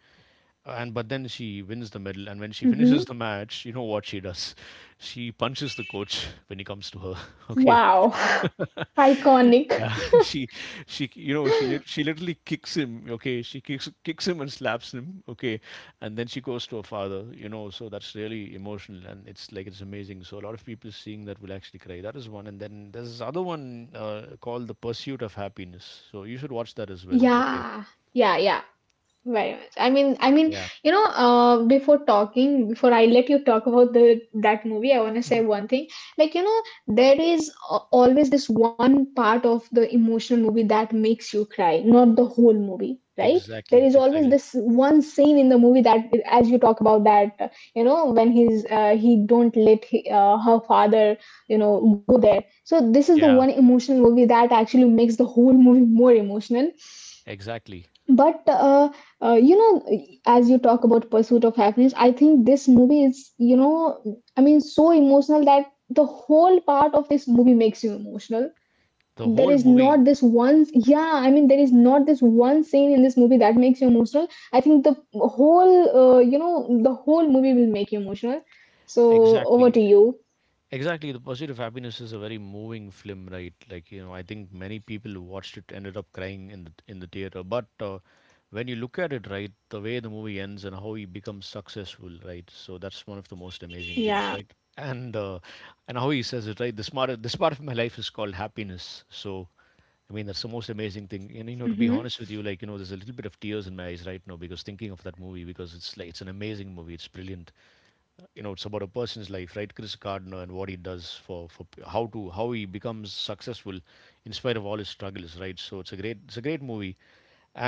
Speaker 1: And but then she wins the medal, and when she
Speaker 2: Hmm.
Speaker 1: finishes the match, you know what she does? She punches the coach when he comes to her. Okay.
Speaker 2: Wow, iconic.
Speaker 1: Yeah. she she you know she she literally kicks him, okay. She kicks him and slaps him, okay. And then she goes to her father, you know. So that's really emotional, and it's like it's amazing. So a lot of people seeing that will actually cry. That is one. And then there's this other one, called The Pursuit of Happiness, so you should watch that as well, okay.
Speaker 2: Yeah, yeah, yeah. Very much. I mean,
Speaker 1: Yeah,
Speaker 2: you know, before talking, before I let you talk about the that movie, I want to say one thing. Like, you know, there is always this one part of the emotional movie that makes you cry, not the whole movie, right? There is
Speaker 1: exactly
Speaker 2: always
Speaker 1: exactly
Speaker 2: this one scene in the movie that, as you talk about that, you know, when he don't let he, her father, you know, go there. So this is the
Speaker 1: Yeah,
Speaker 2: one emotional movie that actually makes the whole movie more emotional,
Speaker 1: exactly.
Speaker 2: but you know as you talk about Pursuit of Happiness, I think this movie is you know I mean so emotional that the whole part of this movie makes you emotional.
Speaker 1: The
Speaker 2: There
Speaker 1: whole
Speaker 2: is
Speaker 1: movie,
Speaker 2: not this one, yeah I mean there is not this one scene in this movie that makes you emotional. I think the whole you know the whole movie will make you emotional, so over to
Speaker 1: exactly.
Speaker 2: you.
Speaker 1: Exactly. The Pursuit of Happiness is a very moving film, right? Like, you know, I think many people who watched it ended up crying in the theater. But when you look at it, right, the way the movie ends and how he becomes successful, right? So that's one of the most amazing things,
Speaker 2: Yeah.
Speaker 1: right? And uh, and how he says it, right? This part of my life is called happiness. So. I mean, that's the most amazing thing. And you know, to be
Speaker 2: Mm-hmm.
Speaker 1: honest with you, like you know, there's a little bit of tears in my eyes right now because thinking of that movie, because it's like it's an amazing movie. It's brilliant. You know, it's about a person's life, right? Chris Gardner, and what he does for how to how he becomes successful in spite of all his struggles, right? So it's a great movie.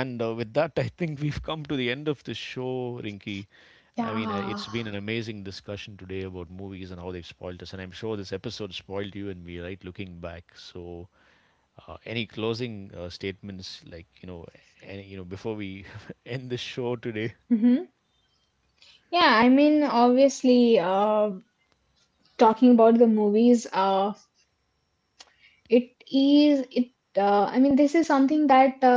Speaker 1: And with that, I think we've come to the end of the show, Rinky. I mean,
Speaker 2: Yeah.
Speaker 1: it's been an amazing discussion today about movies and how they've spoiled us. And I'm sure this episode spoiled you and me, right? Looking back, so. Any closing statements, like you know, any, you know, before we end the show today?
Speaker 2: Hmm. Yeah, I mean obviously talking about the movies. It is it I mean this is something that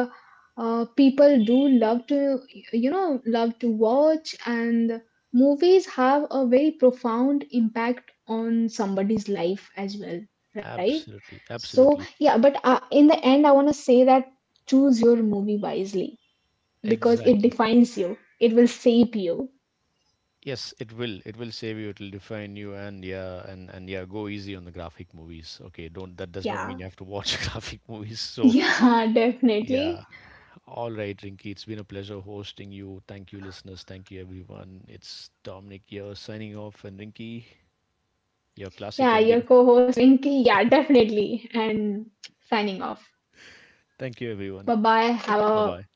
Speaker 2: people do love to you know love to watch, and movies have a very profound impact on somebody's life as well, right?
Speaker 1: Absolutely,
Speaker 2: So
Speaker 1: absolutely,
Speaker 2: yeah, but in the end I want to say that choose your movie wisely because it
Speaker 1: exactly.
Speaker 2: defines you, it will shape you.
Speaker 1: Yes, it will. It will save you. It'll define you, and yeah, and yeah, go easy on the graphic movies. Okay, don't. That does not
Speaker 2: Yeah,
Speaker 1: mean you have to watch graphic movies. So
Speaker 2: yeah.
Speaker 1: yeah,
Speaker 2: Definitely.
Speaker 1: all right, Rinky. It's been a pleasure hosting you. Thank you, listeners. Thank you, everyone. It's Dominic here signing off, and Rinky, your classic
Speaker 2: Yeah, your
Speaker 1: ending.
Speaker 2: co-host Rinki, yeah, definitely, and signing off.
Speaker 1: Thank you, everyone.
Speaker 2: Bye bye. Have
Speaker 1: Bye
Speaker 2: a
Speaker 1: bye.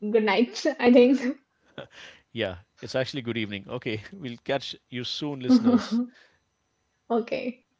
Speaker 2: good night, I think.
Speaker 1: Yeah, it's actually good evening. Okay, we'll catch you soon, listeners.
Speaker 2: Okay.